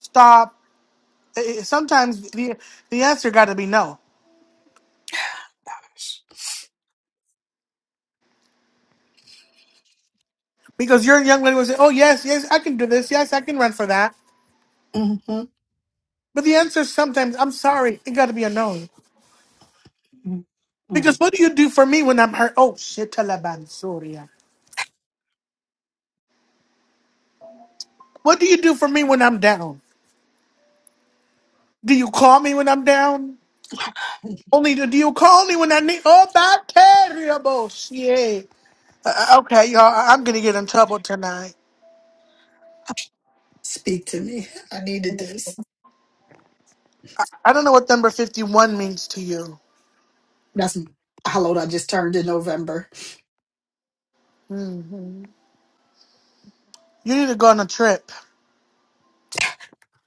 [SPEAKER 1] stop. I- I- Sometimes the the answer got to be no, because your young lady will say, oh yes, yes, I can do this, yes, I can run for that.
[SPEAKER 7] Mm-hmm.
[SPEAKER 1] But the answer sometimes, I'm sorry, it got to be a no. Because
[SPEAKER 7] Mm.
[SPEAKER 1] what do you do for me when I'm hurt? Oh shit, Taliban, Surya. What do you do for me when I'm down? Do you call me when I'm down? Only the you call me when I need oh about terrible shit. Uh, uh, okay, y'all, I- I'm gonna get in trouble tonight.
[SPEAKER 7] Speak to me. I needed this.
[SPEAKER 1] I don't know what number fifty one means to you.
[SPEAKER 7] That's how old I just turned in November.
[SPEAKER 1] hmm You need to go on a trip.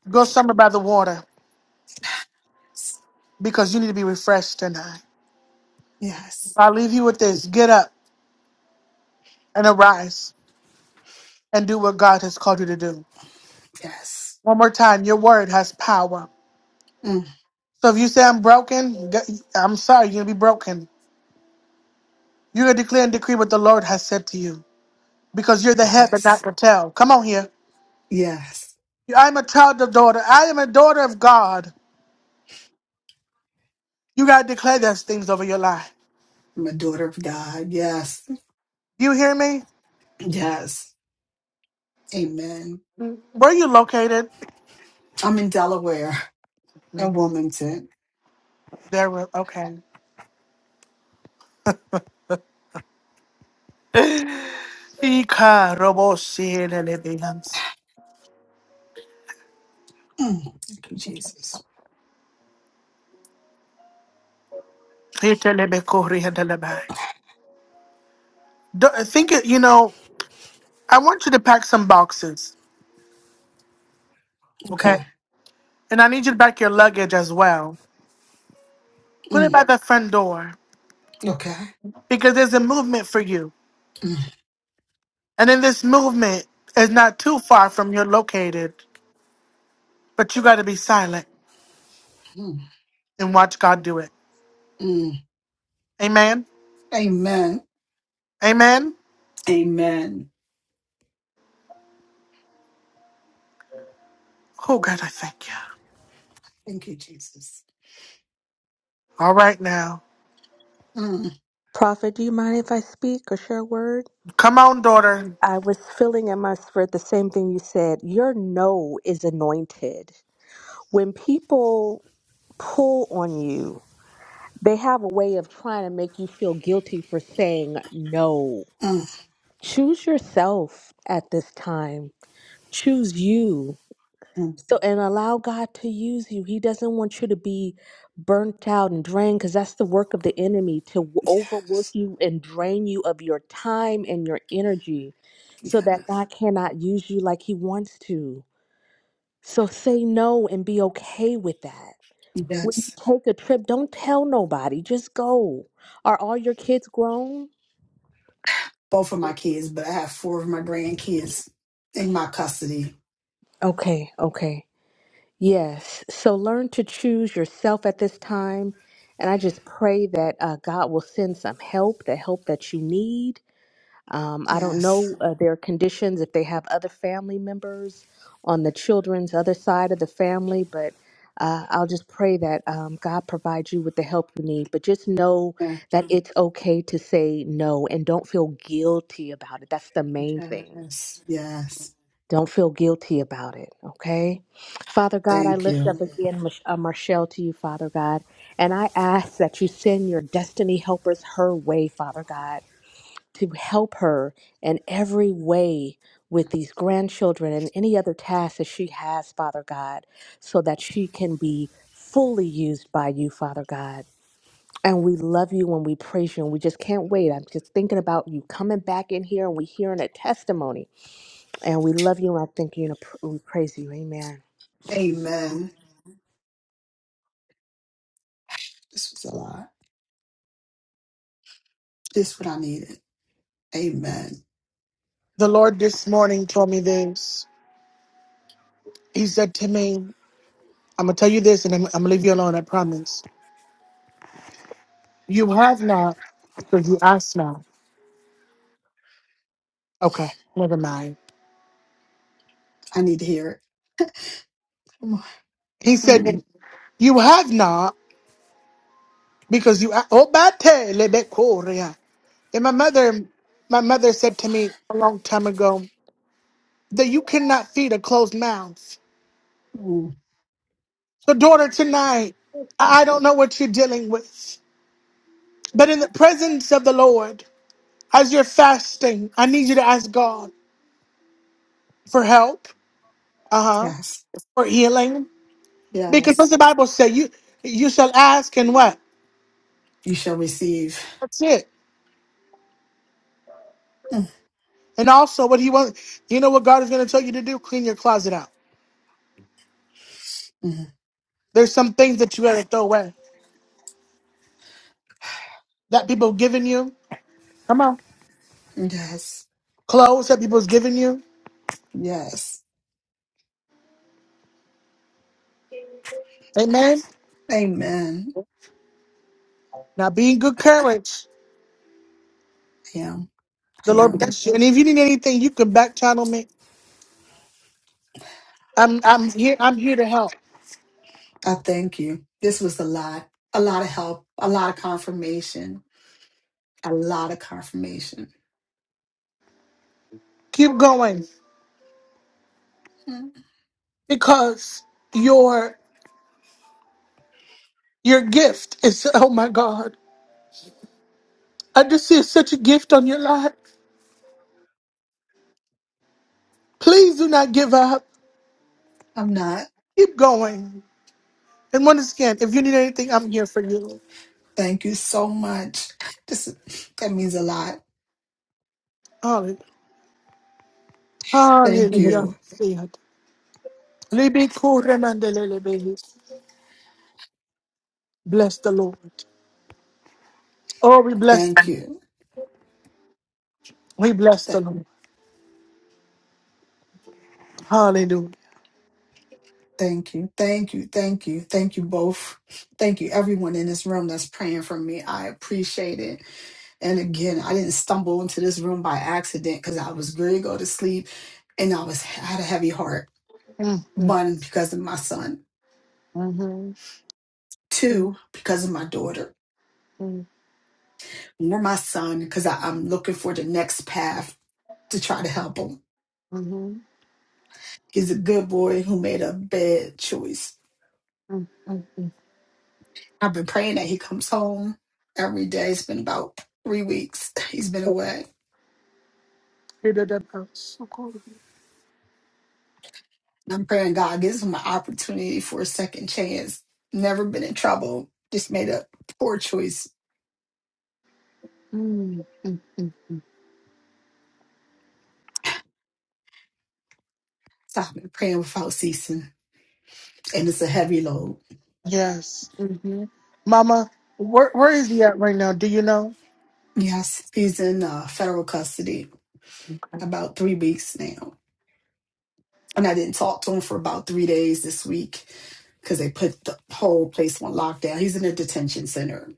[SPEAKER 1] Go somewhere by the water because you need to be refreshed tonight. So
[SPEAKER 7] Yes,
[SPEAKER 1] I'll leave you with this. Get up and arise and do what God has called you to do.
[SPEAKER 7] yes,
[SPEAKER 1] One more time, your word has power.
[SPEAKER 7] mm,
[SPEAKER 1] So if you say I'm broken, g- I'm sorry, you're gonna be broken. You're gonna declare and decree what the Lord has said to you because you're the head and
[SPEAKER 7] yes.
[SPEAKER 1] not the tail. Come on here.
[SPEAKER 7] Yes.
[SPEAKER 1] I'm a child of daughter. I am a daughter of God. You got to declare those things over your life.
[SPEAKER 7] I'm a daughter of God. Yes.
[SPEAKER 1] You hear me?
[SPEAKER 7] Yes. Amen.
[SPEAKER 1] Where you located?
[SPEAKER 7] I'm in Delaware in Wilmington.
[SPEAKER 1] There we okay. Ika robo sielelebians.
[SPEAKER 7] Mm. Thank you, Jesus.
[SPEAKER 1] Itelebekurihandelebai. Do- Think it, you know, I want you to pack some boxes, okay?
[SPEAKER 7] Okay.
[SPEAKER 1] And I need you to pack your luggage as well. Put it
[SPEAKER 7] Mm.
[SPEAKER 1] by the front door
[SPEAKER 7] Okay.
[SPEAKER 1] because there's a movement for you.
[SPEAKER 7] Mm.
[SPEAKER 1] And in this movement is not too far from your located, but you got to be silent
[SPEAKER 7] Mm.
[SPEAKER 1] and watch God do it.
[SPEAKER 7] Mm.
[SPEAKER 1] Amen.
[SPEAKER 7] Amen.
[SPEAKER 1] Amen.
[SPEAKER 7] Amen.
[SPEAKER 1] Oh, God, I thank you.
[SPEAKER 7] Thank you, Jesus.
[SPEAKER 1] All right now.
[SPEAKER 7] Mm.
[SPEAKER 2] Prophet, do you mind if I speak or share a word?
[SPEAKER 1] Come on, daughter.
[SPEAKER 2] I was feeling in my spirit the same thing you said. Your no is anointed. When people pull on you, They have a way of trying to make you feel guilty for saying no.
[SPEAKER 7] Mm.
[SPEAKER 2] Choose yourself at this time. Choose you.
[SPEAKER 7] Mm.
[SPEAKER 2] So, and allow God to use you. He doesn't want you to be burnt out and drained because that's the work of the enemy to w- overwork
[SPEAKER 7] Yes.
[SPEAKER 2] you and drain you of your time and your energy so that
[SPEAKER 7] Yes.
[SPEAKER 2] God cannot use you like He wants to. So, say no and be okay with that. When you
[SPEAKER 7] Yes.
[SPEAKER 2] take a trip, don't tell nobody. Just go. Are all your kids grown?
[SPEAKER 7] Both of my kids, but I have four of my grandkids in my custody.
[SPEAKER 2] Okay, okay. Yes. So learn to choose yourself at this time. And I just pray that uh, God will send some help, the help that you need Um, I don't
[SPEAKER 7] Yes.
[SPEAKER 2] know uh, their conditions, if they have other family members on the children's other side of the family, but uh, I'll just pray that um, God provides you with the help you need. But just know
[SPEAKER 7] Yeah.
[SPEAKER 2] that Mhm. it's okay to say no and don't feel guilty about it. That's the main thing.
[SPEAKER 7] Yes. Yes.
[SPEAKER 2] Don't feel guilty about it, okay? Father God, I
[SPEAKER 7] Thank
[SPEAKER 2] lift up
[SPEAKER 7] you.
[SPEAKER 2] again Mich- uh, Michelle to you, Father God, and I ask that you send your destiny helpers her way, Father God to help her in every way with these grandchildren and any other tasks that she has, Father God, so that she can be fully used by you, Father God. And we love you and we praise you and we just can't wait. I'm just thinking about you coming back in here and we hearing a testimony. And we love you and I thank you and we praise you. Amen.
[SPEAKER 7] Amen. This was a lot. This is what I needed. Amen.
[SPEAKER 1] The Lord this morning told me this. He said to me, I'm going to tell you this and I'm, I'm going to leave you alone, I promise. You have not because you ask not. Okay, never mind.
[SPEAKER 7] I need to hear it. Come on.
[SPEAKER 1] He
[SPEAKER 7] Mm,
[SPEAKER 1] said, You have not because you. a- Oh, bate lebekoria. And my mother, my mother said to me a long time ago that you cannot feed a closed mouth.
[SPEAKER 7] mm.
[SPEAKER 1] So, daughter, tonight, I I don't know what you're dealing with. But in the presence of the Lord, as you're fasting, I need you to ask God for help, uh huh,
[SPEAKER 7] Yes.
[SPEAKER 1] for healing, because
[SPEAKER 7] Yes.
[SPEAKER 1] what's the Bible say? You you shall ask and what?
[SPEAKER 7] You shall receive.
[SPEAKER 1] That's it.
[SPEAKER 7] Mm,
[SPEAKER 1] And also, what He wants, you know, what God is going to tell you to do: clean your closet out.
[SPEAKER 7] mm.
[SPEAKER 1] There's some things that you got to throw away that people have given you. Come on,
[SPEAKER 7] Yes.
[SPEAKER 1] clothes that people's given you.
[SPEAKER 7] Yes.
[SPEAKER 1] Amen.
[SPEAKER 7] Amen.
[SPEAKER 1] Now, be in good courage.
[SPEAKER 7] I am. I
[SPEAKER 1] The Lord
[SPEAKER 7] am.
[SPEAKER 1] bless you. And if you need anything, you can back channel me. I'm I'm here. I'm here to help.
[SPEAKER 7] I thank you. This was a lot. A lot of help. A lot of confirmation. A lot of confirmation.
[SPEAKER 1] Keep going.
[SPEAKER 7] Mm,
[SPEAKER 1] because your your gift is oh my god i just see such a gift on your life please do not give up
[SPEAKER 7] I'm not.
[SPEAKER 1] keep going and once again if you need anything i'm here for you
[SPEAKER 7] Thank you so much. This that means a lot.
[SPEAKER 1] hallelujah
[SPEAKER 7] Thank
[SPEAKER 1] hallelujah
[SPEAKER 7] you.
[SPEAKER 1] Libi kure bless the lord oh we bless
[SPEAKER 7] Thank
[SPEAKER 1] him.
[SPEAKER 7] you.
[SPEAKER 1] we bless the lord hallelujah
[SPEAKER 7] Thank you. Thank you. Thank you. Thank you both. Thank you, everyone in this room that's praying for me. I appreciate it. And again, I didn't stumble into this room by accident because I was going to go to sleep and I was I had a heavy heart.
[SPEAKER 1] Mm, mm,
[SPEAKER 7] One, because of my son.
[SPEAKER 1] mhm, mm,
[SPEAKER 7] Two, because of my daughter.
[SPEAKER 1] mm,
[SPEAKER 7] More my son, because I- I'm looking for the next path to try to help him.
[SPEAKER 1] mhm,
[SPEAKER 7] He's a good boy who made a bad choice.
[SPEAKER 1] mm, mm.
[SPEAKER 7] I've been praying that he comes home every day. It's been about three weeks. He's been away
[SPEAKER 1] Hear the depth of our
[SPEAKER 7] I'm praying God gives him an opportunity for a second chance. Never been in trouble. Just made a poor choice.
[SPEAKER 1] soul.
[SPEAKER 7] So I've been praying without ceasing. And it's a heavy load.
[SPEAKER 1] Yes. hmm Mama, where, where is he at right now? Do you know?
[SPEAKER 7] Yes, he's in uh, federal custody about three weeks now. And I didn't talk to him for about three days this week because they put the whole place on lockdown. He's in a detention center.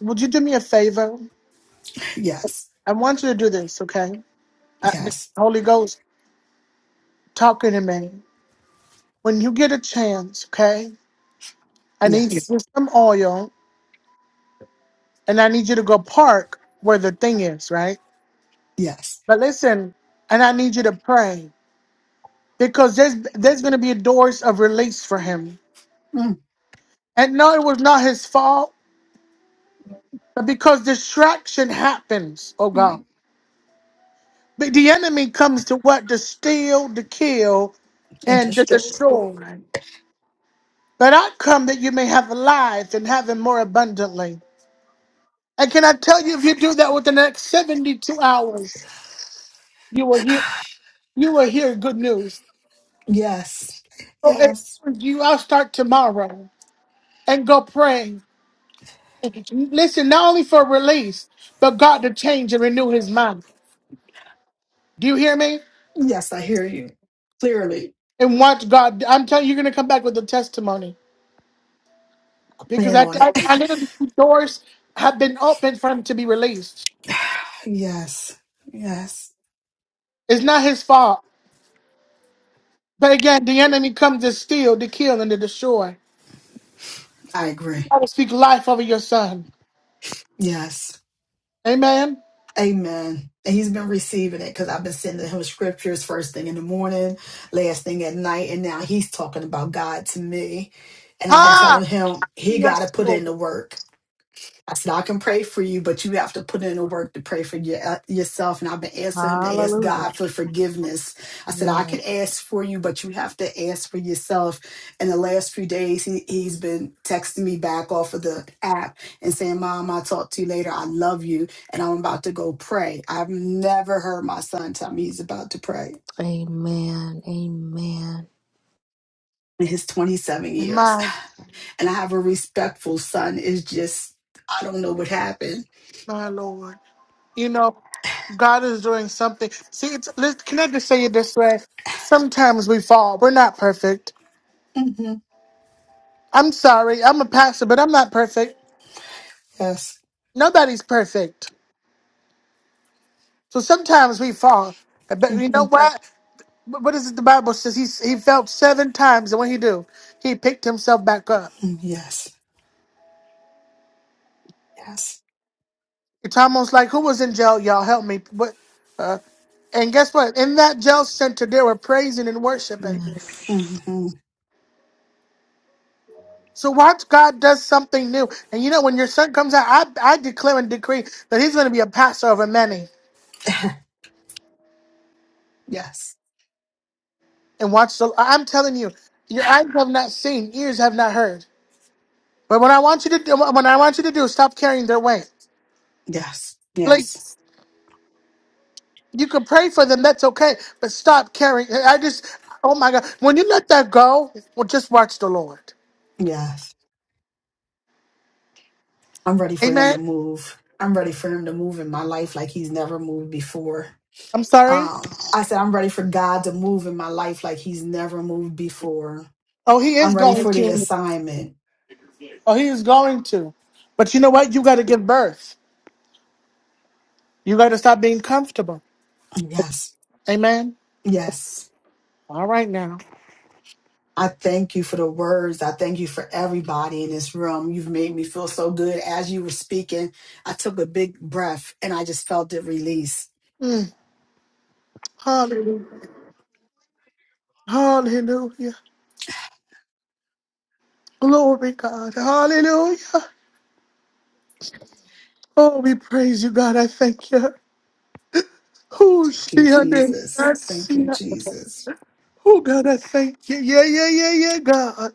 [SPEAKER 1] Would you do me a favor?
[SPEAKER 7] Yes,
[SPEAKER 1] I want you to do this, okay? I, the
[SPEAKER 7] yes,
[SPEAKER 1] Holy Ghost talking to me. When you get a chance, okay? I need you to
[SPEAKER 7] yes,
[SPEAKER 1] get some oil and I need you to go park where the thing is, right?
[SPEAKER 7] yes.
[SPEAKER 1] But listen, and I need you to pray because there's there's going to be doors of release for him.
[SPEAKER 7] Mm,
[SPEAKER 1] And no, it was not his fault, but because distraction happens, oh God.
[SPEAKER 7] mm.
[SPEAKER 1] But the enemy comes to what? To steal, to kill, and to
[SPEAKER 7] Understood.
[SPEAKER 1] destroy. But I come that you may have life and have it more abundantly. And can I tell you, if you do that within the next 72 hours, you will hear you will hear good news.
[SPEAKER 7] Yes,
[SPEAKER 1] So if
[SPEAKER 7] yes,
[SPEAKER 1] you I'll start tomorrow and go praying. Listen, not only for release, but God to change and renew his mind. Do you hear me?
[SPEAKER 7] yes, I hear you clearly.
[SPEAKER 1] And watch God. I'm telling you, you're gonna come back with a testimony. because
[SPEAKER 7] in
[SPEAKER 1] I,
[SPEAKER 7] on
[SPEAKER 1] I,
[SPEAKER 7] it.
[SPEAKER 1] I the doors have been opened for him to be released.
[SPEAKER 7] yes. Yes.
[SPEAKER 1] It's not his fault. But again, the enemy comes to steal, to kill, and to destroy.
[SPEAKER 7] I
[SPEAKER 1] You
[SPEAKER 7] agree.
[SPEAKER 1] gotta speak life over your son.
[SPEAKER 7] Yes.
[SPEAKER 1] Amen.
[SPEAKER 7] Amen. And he's been receiving it because I've been sending him scriptures first thing in the morning, last thing at night. And now he's talking about God to me. And I've been
[SPEAKER 1] Ah,
[SPEAKER 7] telling him he got to
[SPEAKER 1] yes,
[SPEAKER 7] put
[SPEAKER 1] Lord.
[SPEAKER 7] in the work. I said, I can pray for you, but you have to put in the work to pray for your, uh, yourself. And I've been asking him to ask
[SPEAKER 2] Hallelujah.
[SPEAKER 7] God for forgiveness. I said, I
[SPEAKER 2] Yes.
[SPEAKER 7] can ask for you, but you have to ask for yourself. And the last few days, he, he's been texting me back off of the app and saying, Mom, I'll talk to you later. I love you. And I'm about to go pray. I've never heard my son tell me he's about to pray
[SPEAKER 2] Amen. Amen.
[SPEAKER 7] in his 27 years.
[SPEAKER 1] My,
[SPEAKER 7] And I have a respectful son. It's just, I don't know what happened.
[SPEAKER 1] my Lord. You know, God is doing something. See, it's, let can I just say it this way? Sometimes we fall. We're not perfect.
[SPEAKER 7] hmm
[SPEAKER 1] I'm sorry. I'm a pastor, but I'm not perfect.
[SPEAKER 7] Yes.
[SPEAKER 1] Nobody's perfect. So sometimes we fall. But you
[SPEAKER 7] Mm-hmm.
[SPEAKER 1] know what? But what is it? The Bible says he he felt seven times, and what he do? He picked himself back up.
[SPEAKER 7] Mm, Yes. Yes.
[SPEAKER 1] It's almost like who was in jail? Y'all help me. But uh, and guess what? In that jail center, they were praising and worshiping.
[SPEAKER 7] hmm
[SPEAKER 2] Yes.
[SPEAKER 1] So watch God does something new. And you know when your son comes out, I I declare and decree that he's going to be a pastor over many.
[SPEAKER 7] Yes.
[SPEAKER 1] And watch the. I'm telling you, your eyes have not seen, ears have not heard. But what I want you to do, what I want you to do, is stop carrying their weight.
[SPEAKER 7] Yes.
[SPEAKER 1] Like,
[SPEAKER 7] Yes.
[SPEAKER 1] You can pray for them, that's okay, but stop caring. I just, oh my God. When you let that go, well, just watch the Lord.
[SPEAKER 7] Yes. I'm ready for him to
[SPEAKER 1] Amen.
[SPEAKER 7] move. I'm ready for him to move in my life like he's never moved before.
[SPEAKER 1] I'm sorry.
[SPEAKER 7] Um, I said, I'm ready for God to move in my life like he's never moved before.
[SPEAKER 1] Oh, he is
[SPEAKER 7] I'm ready
[SPEAKER 1] going
[SPEAKER 7] for the
[SPEAKER 1] to.
[SPEAKER 7] assignment.
[SPEAKER 1] Oh, he is going to. But you know what? You got to give birth. You got to stop being comfortable.
[SPEAKER 7] Yes.
[SPEAKER 1] Amen.
[SPEAKER 7] Yes.
[SPEAKER 1] All right now.
[SPEAKER 7] I thank you for the words. I thank you for everybody in this room. You've made me feel so good as you were speaking. I took a big breath and I just felt it release.
[SPEAKER 1] Mm. Hallelujah. Hallelujah. Glory, God. Hallelujah. Oh, we praise you, God. I thank you. Who
[SPEAKER 7] Thank you,
[SPEAKER 1] she under
[SPEAKER 7] Jesus.
[SPEAKER 1] that
[SPEAKER 7] Thank you,
[SPEAKER 1] sea?
[SPEAKER 7] Jesus.
[SPEAKER 1] Oh, God, I thank you. Yeah, yeah, yeah, yeah, God.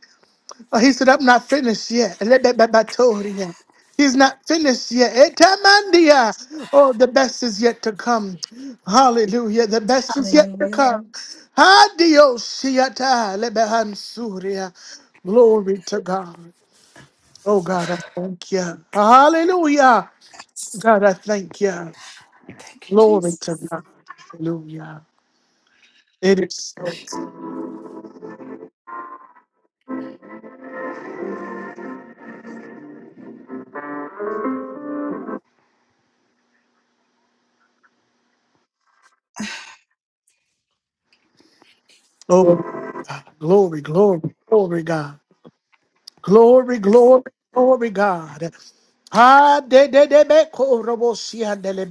[SPEAKER 1] Oh, he said, I'm not finished yet. Elebebebatoria. He's not finished yet. Etamandia. Oh, the best is yet to come. Hallelujah. The best is yet to
[SPEAKER 7] Hallelujah.
[SPEAKER 1] come. Hadioshiata lebehansuria. Glory to God. Oh, God, I thank you. Hallelujah. God, I thank you.
[SPEAKER 7] Thank you,
[SPEAKER 1] Glory to
[SPEAKER 7] Jesus.
[SPEAKER 1] God. Hallelujah. It is so. Oh, God. glory, glory, glory, God. Glory, glory, glory, God. Ah, de de de be ko robosia de le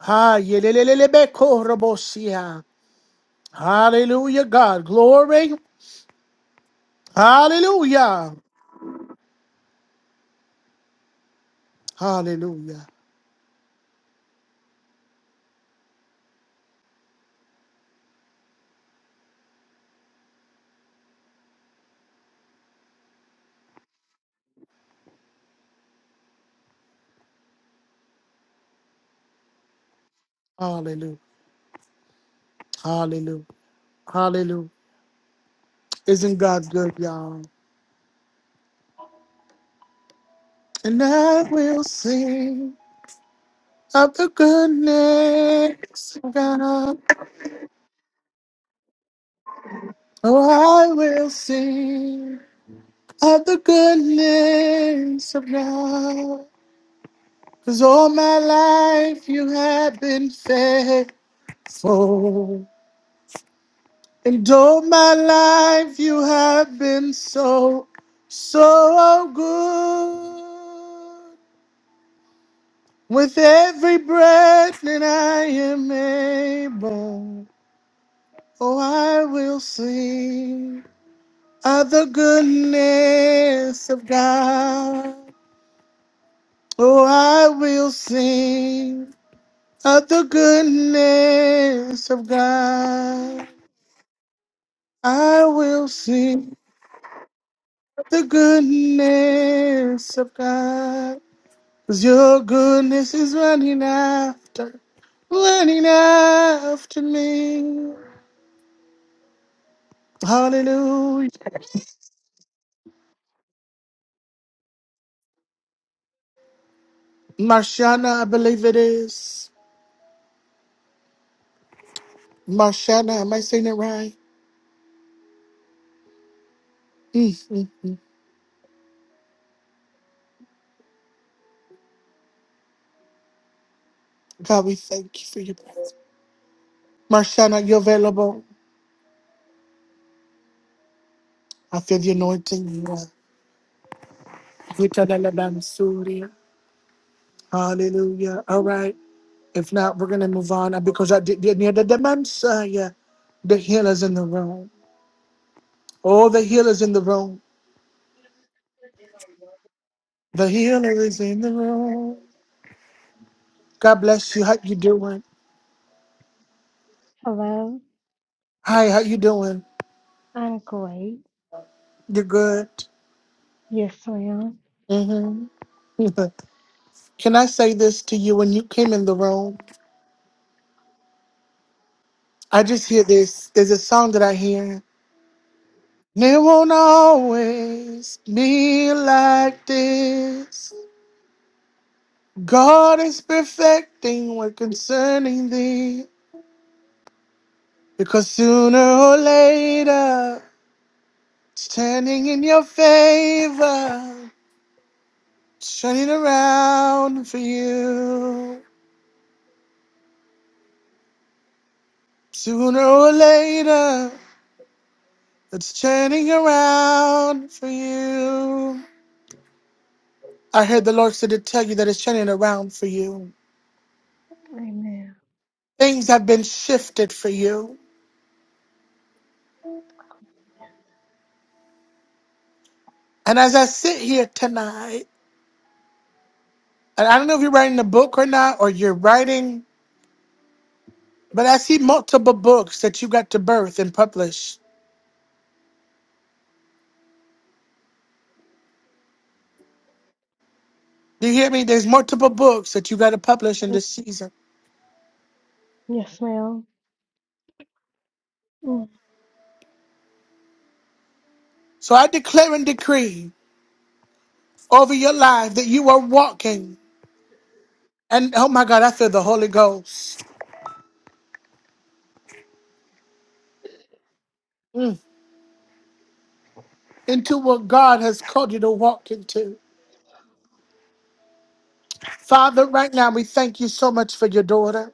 [SPEAKER 1] Ah, ye le le le le be ko robosia. Hallelujah, God. Glory. Hallelujah. Hallelujah. Hallelujah. Hallelujah. Hallelujah. Isn't God good, y'all? And I will sing of the goodness of God. Oh, I will sing. of the goodness of God. Cause all my life you have been faithful. And all my life you have been so, so good. With every breath that I am able, oh, I will sing of the goodness of God. Oh, I will sing Of the goodness of God, I will sing of the goodness of God. 'Cause your goodness is running after, running after me. Hallelujah. Marshana, I believe it is. Marshana, am I saying it right? Mm, mm, mm. God, we thank you for your presence. Marshana, you're available. I feel the anointing. You are. You Hallelujah. All right. If not, we're going to move on uh, because I did get near the Messiah. The healer's in the room. Oh, the healer's in the room. The healer is in the room. God bless you. How you doing?
[SPEAKER 8] Hello,
[SPEAKER 1] Hi, how you doing?
[SPEAKER 8] I'm great.
[SPEAKER 1] You're good.
[SPEAKER 8] Yes, ma'am.
[SPEAKER 1] hmm Can I say this to you when you came in the room? I just hear this. There's a song that I hear. It won't always be like this. God is perfecting what concerning thee, because sooner or later, it's turning in your favor, It's turning around for you. Sooner or later, it's turning around for you. I heard the Lord said to tell you that it's turning around for you.
[SPEAKER 8] Amen.
[SPEAKER 1] Things have been shifted for you. And as I sit here tonight, and I don't know if you're writing a book or not, or you're writing But I see multiple books that you got to birth and publish. Do you hear me? There's multiple books that you got to publish in this season.
[SPEAKER 8] Yes, madam
[SPEAKER 1] So I declare and decree over your life that you are walking. And oh my God, I feel the Holy Ghost mm, into what God has called you to walk into. Father, right now we thank you so much for your daughter.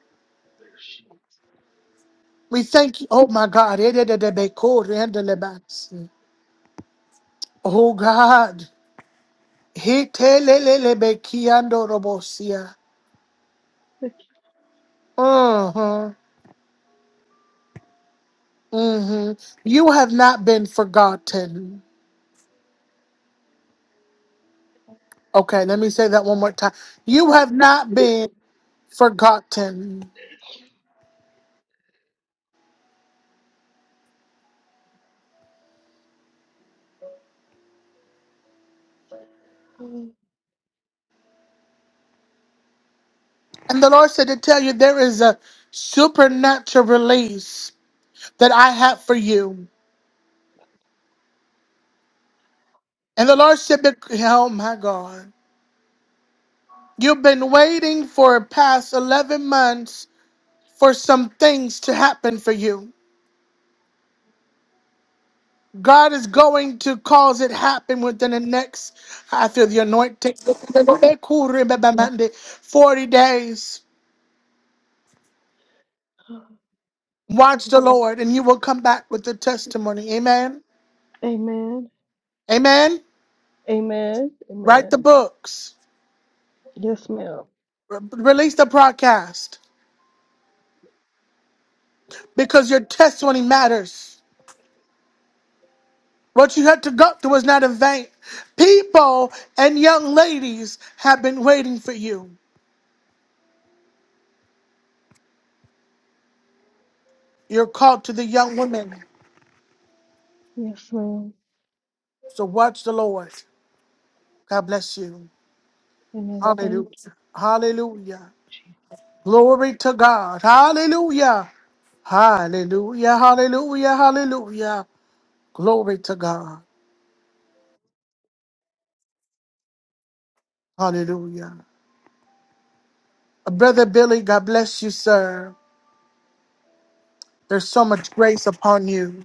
[SPEAKER 1] We thank you. Oh my God. Oh God. He telelelebekiandorobosia. Uh-huh. hmm You have not been forgotten. Okay, let me say that one more time. You have not been forgotten.
[SPEAKER 8] Amen.
[SPEAKER 1] And the Lord said to tell you there is a supernatural release that I have for you. And the Lord said, bec- Oh my God, you've been waiting for past 11 months for some things to happen for you. God is going to cause it happen within the next, I feel the anointing, 40 days. Watch the Lord and you will come back with the testimony. Amen.
[SPEAKER 8] Amen.
[SPEAKER 1] Amen. Write the
[SPEAKER 8] Amen.
[SPEAKER 1] books,
[SPEAKER 8] Yes, ma'am.
[SPEAKER 1] Re- release the broadcast because your testimony matters. What you had to go through was not in vain. People and young ladies have been waiting for you. You're called to the young women.
[SPEAKER 8] Yes, ma'am.
[SPEAKER 1] So watch the Lord. God bless you.
[SPEAKER 8] Amen.
[SPEAKER 1] Hallelujah.
[SPEAKER 8] Thank
[SPEAKER 1] Hallelujah.
[SPEAKER 8] you.
[SPEAKER 1] Glory to God. Hallelujah. Hallelujah. Hallelujah. Hallelujah. Glory to God. Hallelujah. Uh, Brother Billy, God bless you, sir. There's so much grace upon you.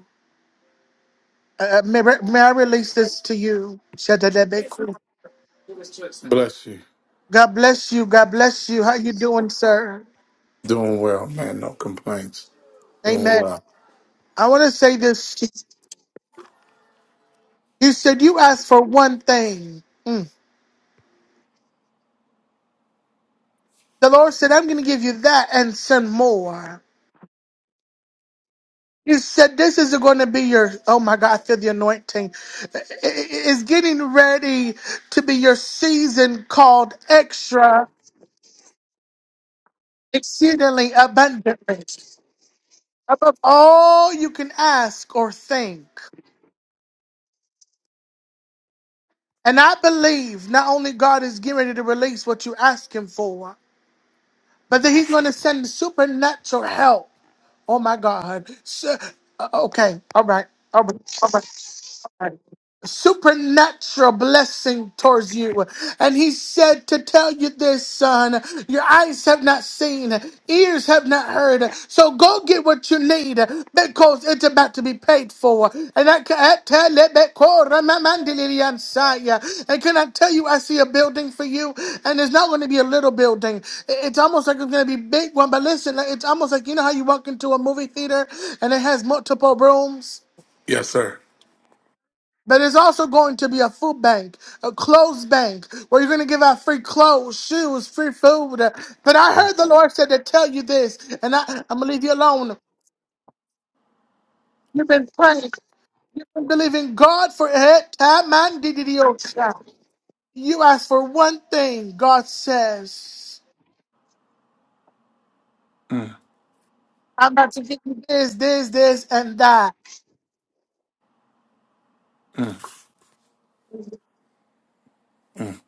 [SPEAKER 1] Uh, uh, may, may I release this to you? Shadadebeku.
[SPEAKER 9] Bless you.
[SPEAKER 1] God bless you. God bless you. How you doing, sir?
[SPEAKER 9] Doing well, man. No thanks. Doing
[SPEAKER 1] Amen.
[SPEAKER 9] well.
[SPEAKER 1] I want to say this. You said you asked for one thing. Mm. The Lord said, I'm going to give you that and send more. You said this is going to be your, oh my God, I feel the anointing. I- I- It's getting ready to be your season called extra, exceedingly abundantly, above all you can ask or think. And I believe not only God is getting ready to release what you ask Him for, but that He's going to send supernatural help. Oh my God. Su- okay. All right. All right. All right. All right. supernatural blessing towards you. And he said to tell you this, son, your eyes have not seen, ears have not heard. So go get what you need because it's about to be paid for. And I can I tell it back, oh, Ramamandiri and Saya. And can I tell you, I see a building for you, and it's not going to be a little building. I- It's almost like it's going to be a big one. But listen, like, it's almost like you know how you walk into a movie theater and it has multiple rooms.
[SPEAKER 9] Yes, sir.
[SPEAKER 1] But it's also going to be a food bank, a clothes bank, where you're going to give out free clothes, shoes, free food. But I heard the Lord said to tell you this, and I, I'm going to leave you alone. You've been praying, you've been believing God for it. Time and did it, oh, child. You ask for one thing, God says,
[SPEAKER 9] Mm,
[SPEAKER 1] I'm about to give you this, this, this, and that.
[SPEAKER 9] mm, mm,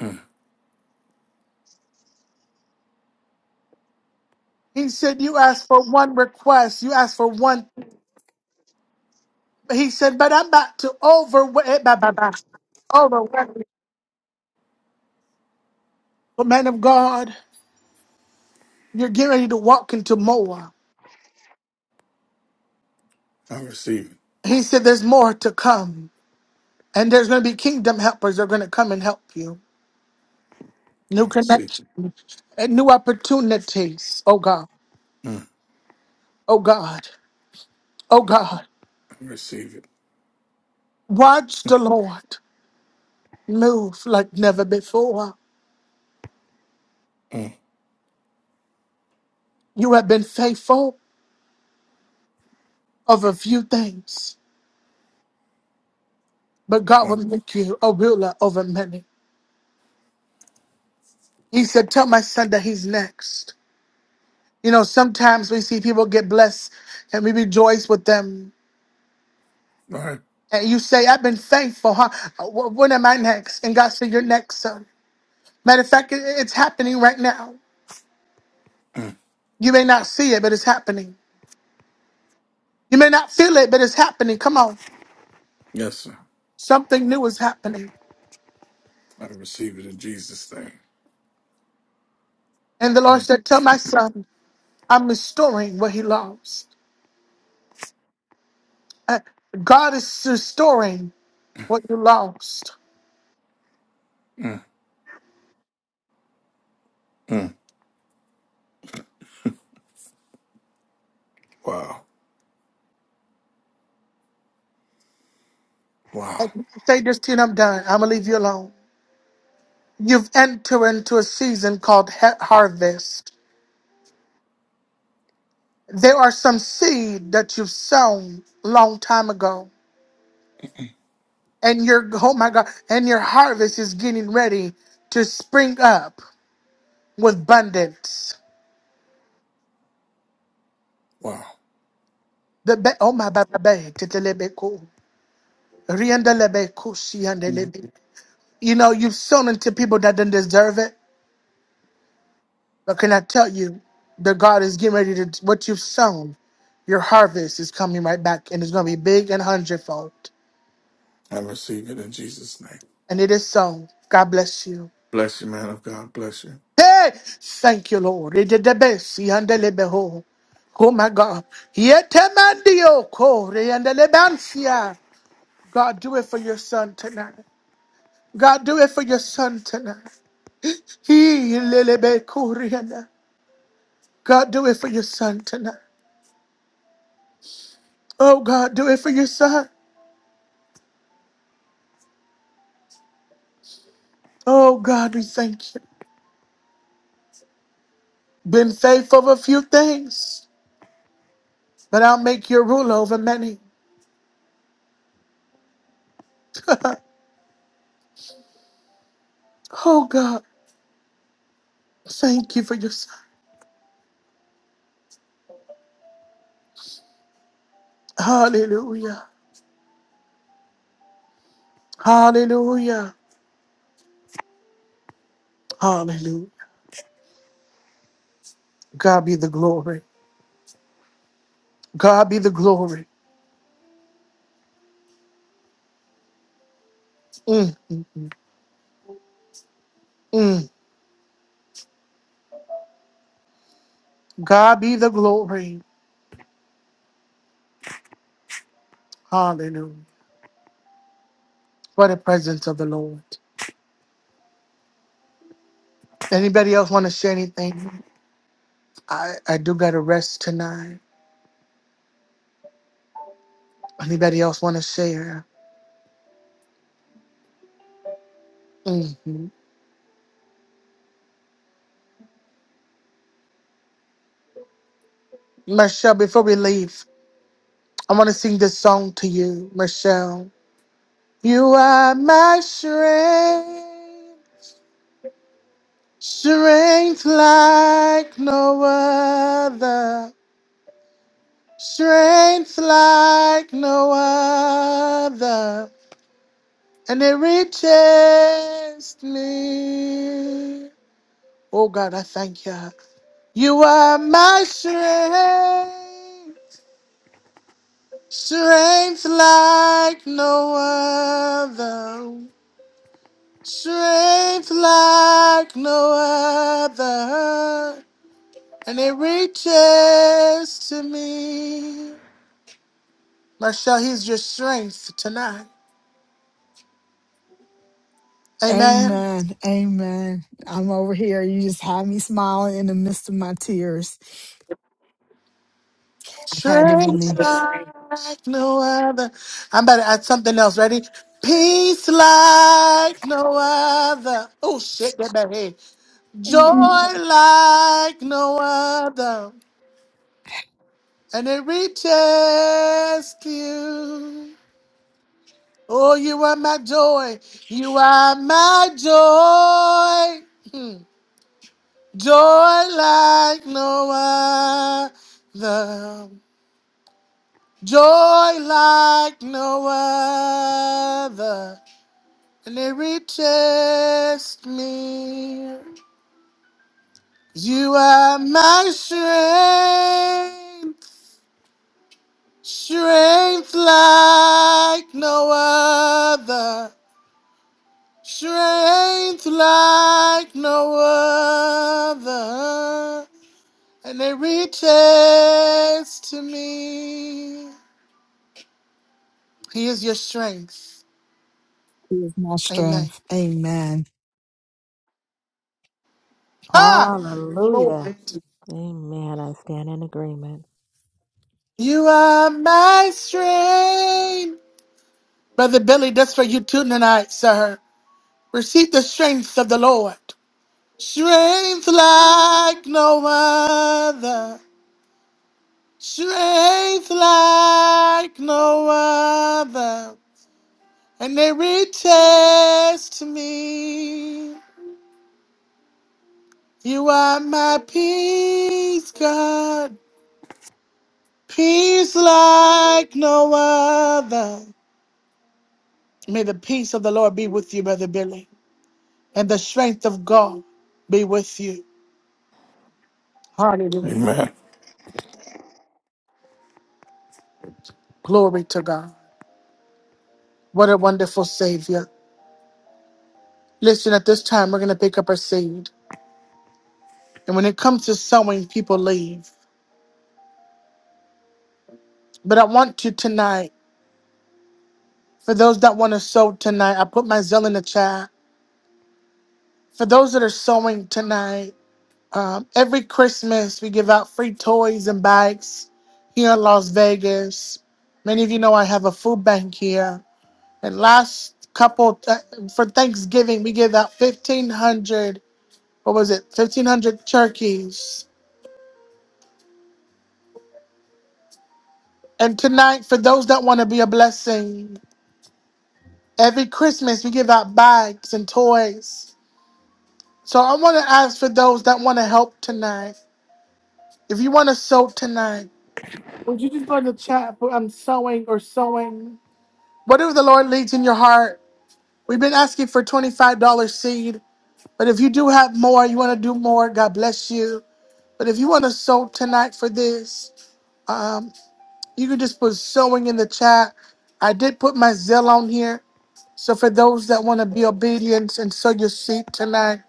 [SPEAKER 9] mm.
[SPEAKER 1] He said, You asked for one request, you asked for one. He said, But I'm about to over, overwhelm, you. man of God. You're getting ready to walk into more.
[SPEAKER 9] I receive
[SPEAKER 1] He said there's more to come. And there's going to be kingdom helpers that are going to come and help you.
[SPEAKER 9] it. I
[SPEAKER 1] New
[SPEAKER 9] receive it.
[SPEAKER 1] connections and new opportunities. Oh God.
[SPEAKER 9] Mm,
[SPEAKER 1] Oh God. Oh God.
[SPEAKER 9] I receive it.
[SPEAKER 1] Watch the Lord move like never before.
[SPEAKER 9] Mm.
[SPEAKER 1] You have been faithful over a few things, but God will
[SPEAKER 9] One.
[SPEAKER 1] make you a ruler over many. He said, Tell my son that he's next. You know, sometimes we see people get blessed and we rejoice with them.
[SPEAKER 9] All right.
[SPEAKER 1] And you say, I've been faithful, huh? Wh- When am I next? And God said, You're next, son. Matter of fact, it- it's happening right now.
[SPEAKER 9] Mm.
[SPEAKER 1] You may not see it, but it's happening. You may not feel it, but it's happening. Come on.
[SPEAKER 9] Yes, sir.
[SPEAKER 1] Something new is happening.
[SPEAKER 9] I receive it in Jesus' name.
[SPEAKER 1] And the Lord
[SPEAKER 9] Mm,
[SPEAKER 1] said, Tell my son, I'm restoring what he lost. Uh, God is restoring what you lost.
[SPEAKER 9] mm, mm. Wow. Wow.
[SPEAKER 1] And say this to you, and I'm done. I'm going to leave you alone. You've entered into a season called ha- harvest. There are some seed that you've sown long time ago, and your oh my God, and your harvest is getting ready to spring up with abundance.
[SPEAKER 9] Wow.
[SPEAKER 1] The ba- oh my baba tetelebeko riandelebeko
[SPEAKER 9] Mm.
[SPEAKER 1] siandelebe. You know you've sown into people that didn't deserve it, but can I tell you that God is getting ready to what you've sown. Your harvest is coming right back, and it's going to be big and hundredfold.
[SPEAKER 9] I receive it in Jesus' name.
[SPEAKER 1] And it is so. God bless you.
[SPEAKER 9] Bless you, man of God. Bless you.
[SPEAKER 1] Hey, thank you, Lord. It did the best. He handled it behold. Oh my God. Yet a man Corey, and the Lebansia. God, do it for your son tonight. God, do it for your son tonight. He lelebe Korean. God, do it for your son tonight. Oh God, do it for your son. Oh God, we thank you. Been faithful of a few things, but I'll make you rule over many. oh God, thank you for your son. Hallelujah. Hallelujah. Hallelujah. God be the glory. God be the glory. Mm, mm, mm, mm. God be the glory. Hallelujah. For the presence of the Lord. Anybody else want to share anything? I, I do got to rest tonight. Anybody else want to share? hmm Michelle, before we leave, I want to sing this song to you, Michelle. You are my strength, strength like no other. Strength like no other, and it reaches me. Oh God, I thank you. You are my strength, strength like no other, strength like no other, and it reaches to me. Michelle, he's your strength tonight. Amen.
[SPEAKER 7] Amen. Amen. I'm over here. You just had me smiling in the midst of my tears. I had to
[SPEAKER 1] Strength
[SPEAKER 7] release.
[SPEAKER 1] like no other. I'm about to add something else. Ready? Peace like no other. Oh shit, get back here. Joy
[SPEAKER 7] Mm.
[SPEAKER 1] like no other. And it reaches to you. Oh, you are my joy. You are my joy. Hmm. Joy like no other. Joy like no other, and it reaches me. You are my strength, strength like no other, strength like no other, and it reaches to me. He is your strength.
[SPEAKER 7] He is my
[SPEAKER 1] Amen.
[SPEAKER 7] strength. Amen.
[SPEAKER 1] Ah,
[SPEAKER 2] Hallelujah.
[SPEAKER 1] glory.
[SPEAKER 2] Amen. I stand in agreement.
[SPEAKER 1] You are my strength. Brother Billy, that's for you too tonight, sir. Receive the strength of the Lord. Strength like no other. Strength like no other. And they reaches to me. You are my peace, God. Peace like no other. May the peace of the Lord be with you, Brother Billy. and the strength of God be with you. Hallelujah.
[SPEAKER 9] Amen.
[SPEAKER 1] Glory to God. What a wonderful Savior. Listen, at this time, we're going to pick up our seed. And when it comes to sowing, people leave. But I want to tonight, for those that want to sow tonight, I put my zeal in the chat. For those that are sowing tonight, um, every Christmas we give out free toys and bikes here in Las Vegas. Many of you know I have a food bank here And last couple th- for Thanksgiving, we gave out fifteen hundred. What was it? Fifteen hundred turkeys. And tonight, for those that want to be a blessing, every Christmas we give out bags and toys. So I want to ask for those that want to help tonight. If you want to sow tonight, would you just go in the chat put I'm sewing or sewing? Whatever the Lord leads in your heart. We've been asking for $25 seed, but if you do have more, you want to do more, God bless you. But if you want to sew tonight for this, um, you can just put sewing in the chat. I did put my Zell on here. So for those that want to be obedient and sow your seed tonight,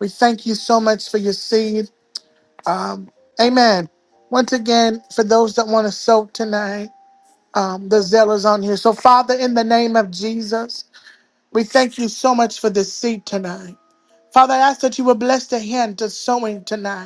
[SPEAKER 1] we thank you so much for your seed. Um, amen. Once again, for those that want to sow tonight, um, the Zell is on here. So Father, in the name of Jesus, we thank you so much for this seed tonight. Father, I ask that you will bless the hand to sowing tonight.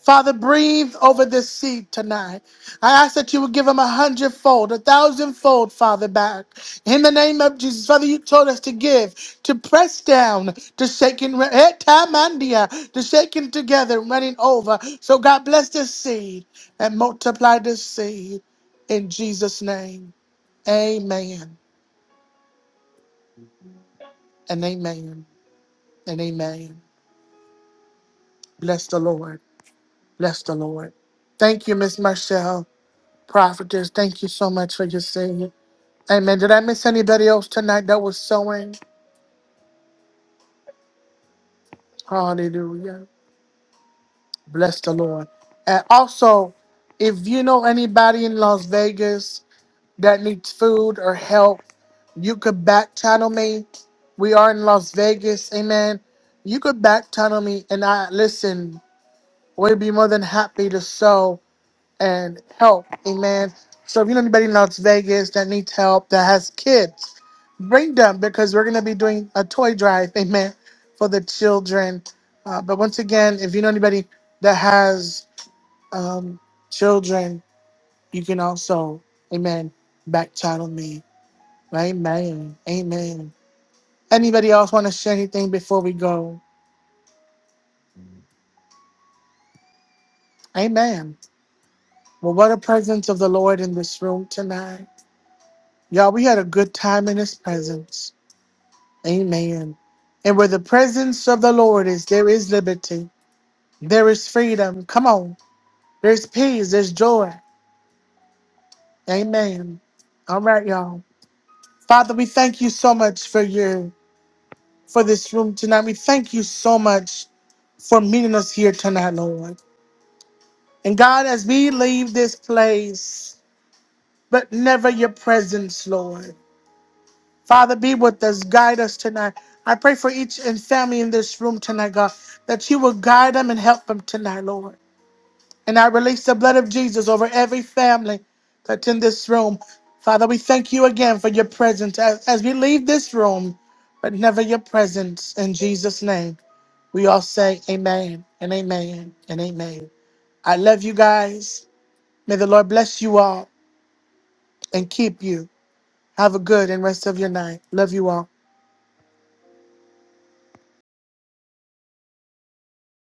[SPEAKER 1] Father, breathe over this seed tonight. I ask that you would give them a hundredfold, a thousandfold, Father, back. In the name of Jesus, Father, you told us to give, to press down, to shaking, to shaking together, running over. So God bless this seed and multiply this seed in Jesus' name. Amen and amen and amen. Bless the Lord. Bless the Lord. Thank you, Miss Marcel, prophetess. Thank you so much for your seed. Amen. Did I miss anybody else tonight that was sowing? Hallelujah. Bless the Lord. And also, if you know anybody in Las Vegas that needs food or help, you could back channel me. We are in Las Vegas. Amen. You could back channel me and I listen, we'd be more than happy to sow. and help. Amen. So if you know anybody in Las Vegas that needs help, that has kids, bring them because we're going to be doing a toy drive. Amen. For the children. Uh, but once again, if you know anybody that has um, children, you can also, amen, back channel me. Amen. Amen. Anybody else want to share anything before we go? Amen. Well, what a presence of the Lord in this room tonight. Y'all, we had a good time in his presence. Amen. And where the presence of the Lord is, there is liberty. There is freedom. Come on. There's peace. There's joy. Amen. All right, y'all. Father, we thank you so much for your for this room tonight. We thank you so much for meeting us here tonight, Lord. And God, as we leave this place, but never your presence, Lord. Father, be with us. Guide us tonight. I pray for each and family in this room tonight, God, that you will guide them and help them tonight, Lord. And I release the blood of Jesus over every family that's in this room. Father, we thank you again for your presence as, as we leave this room, but never your presence. In Jesus' name, we all say amen and amen and amen. I love you guys. May the Lord bless you all and keep you. Have a good and rest of your night. Love you all.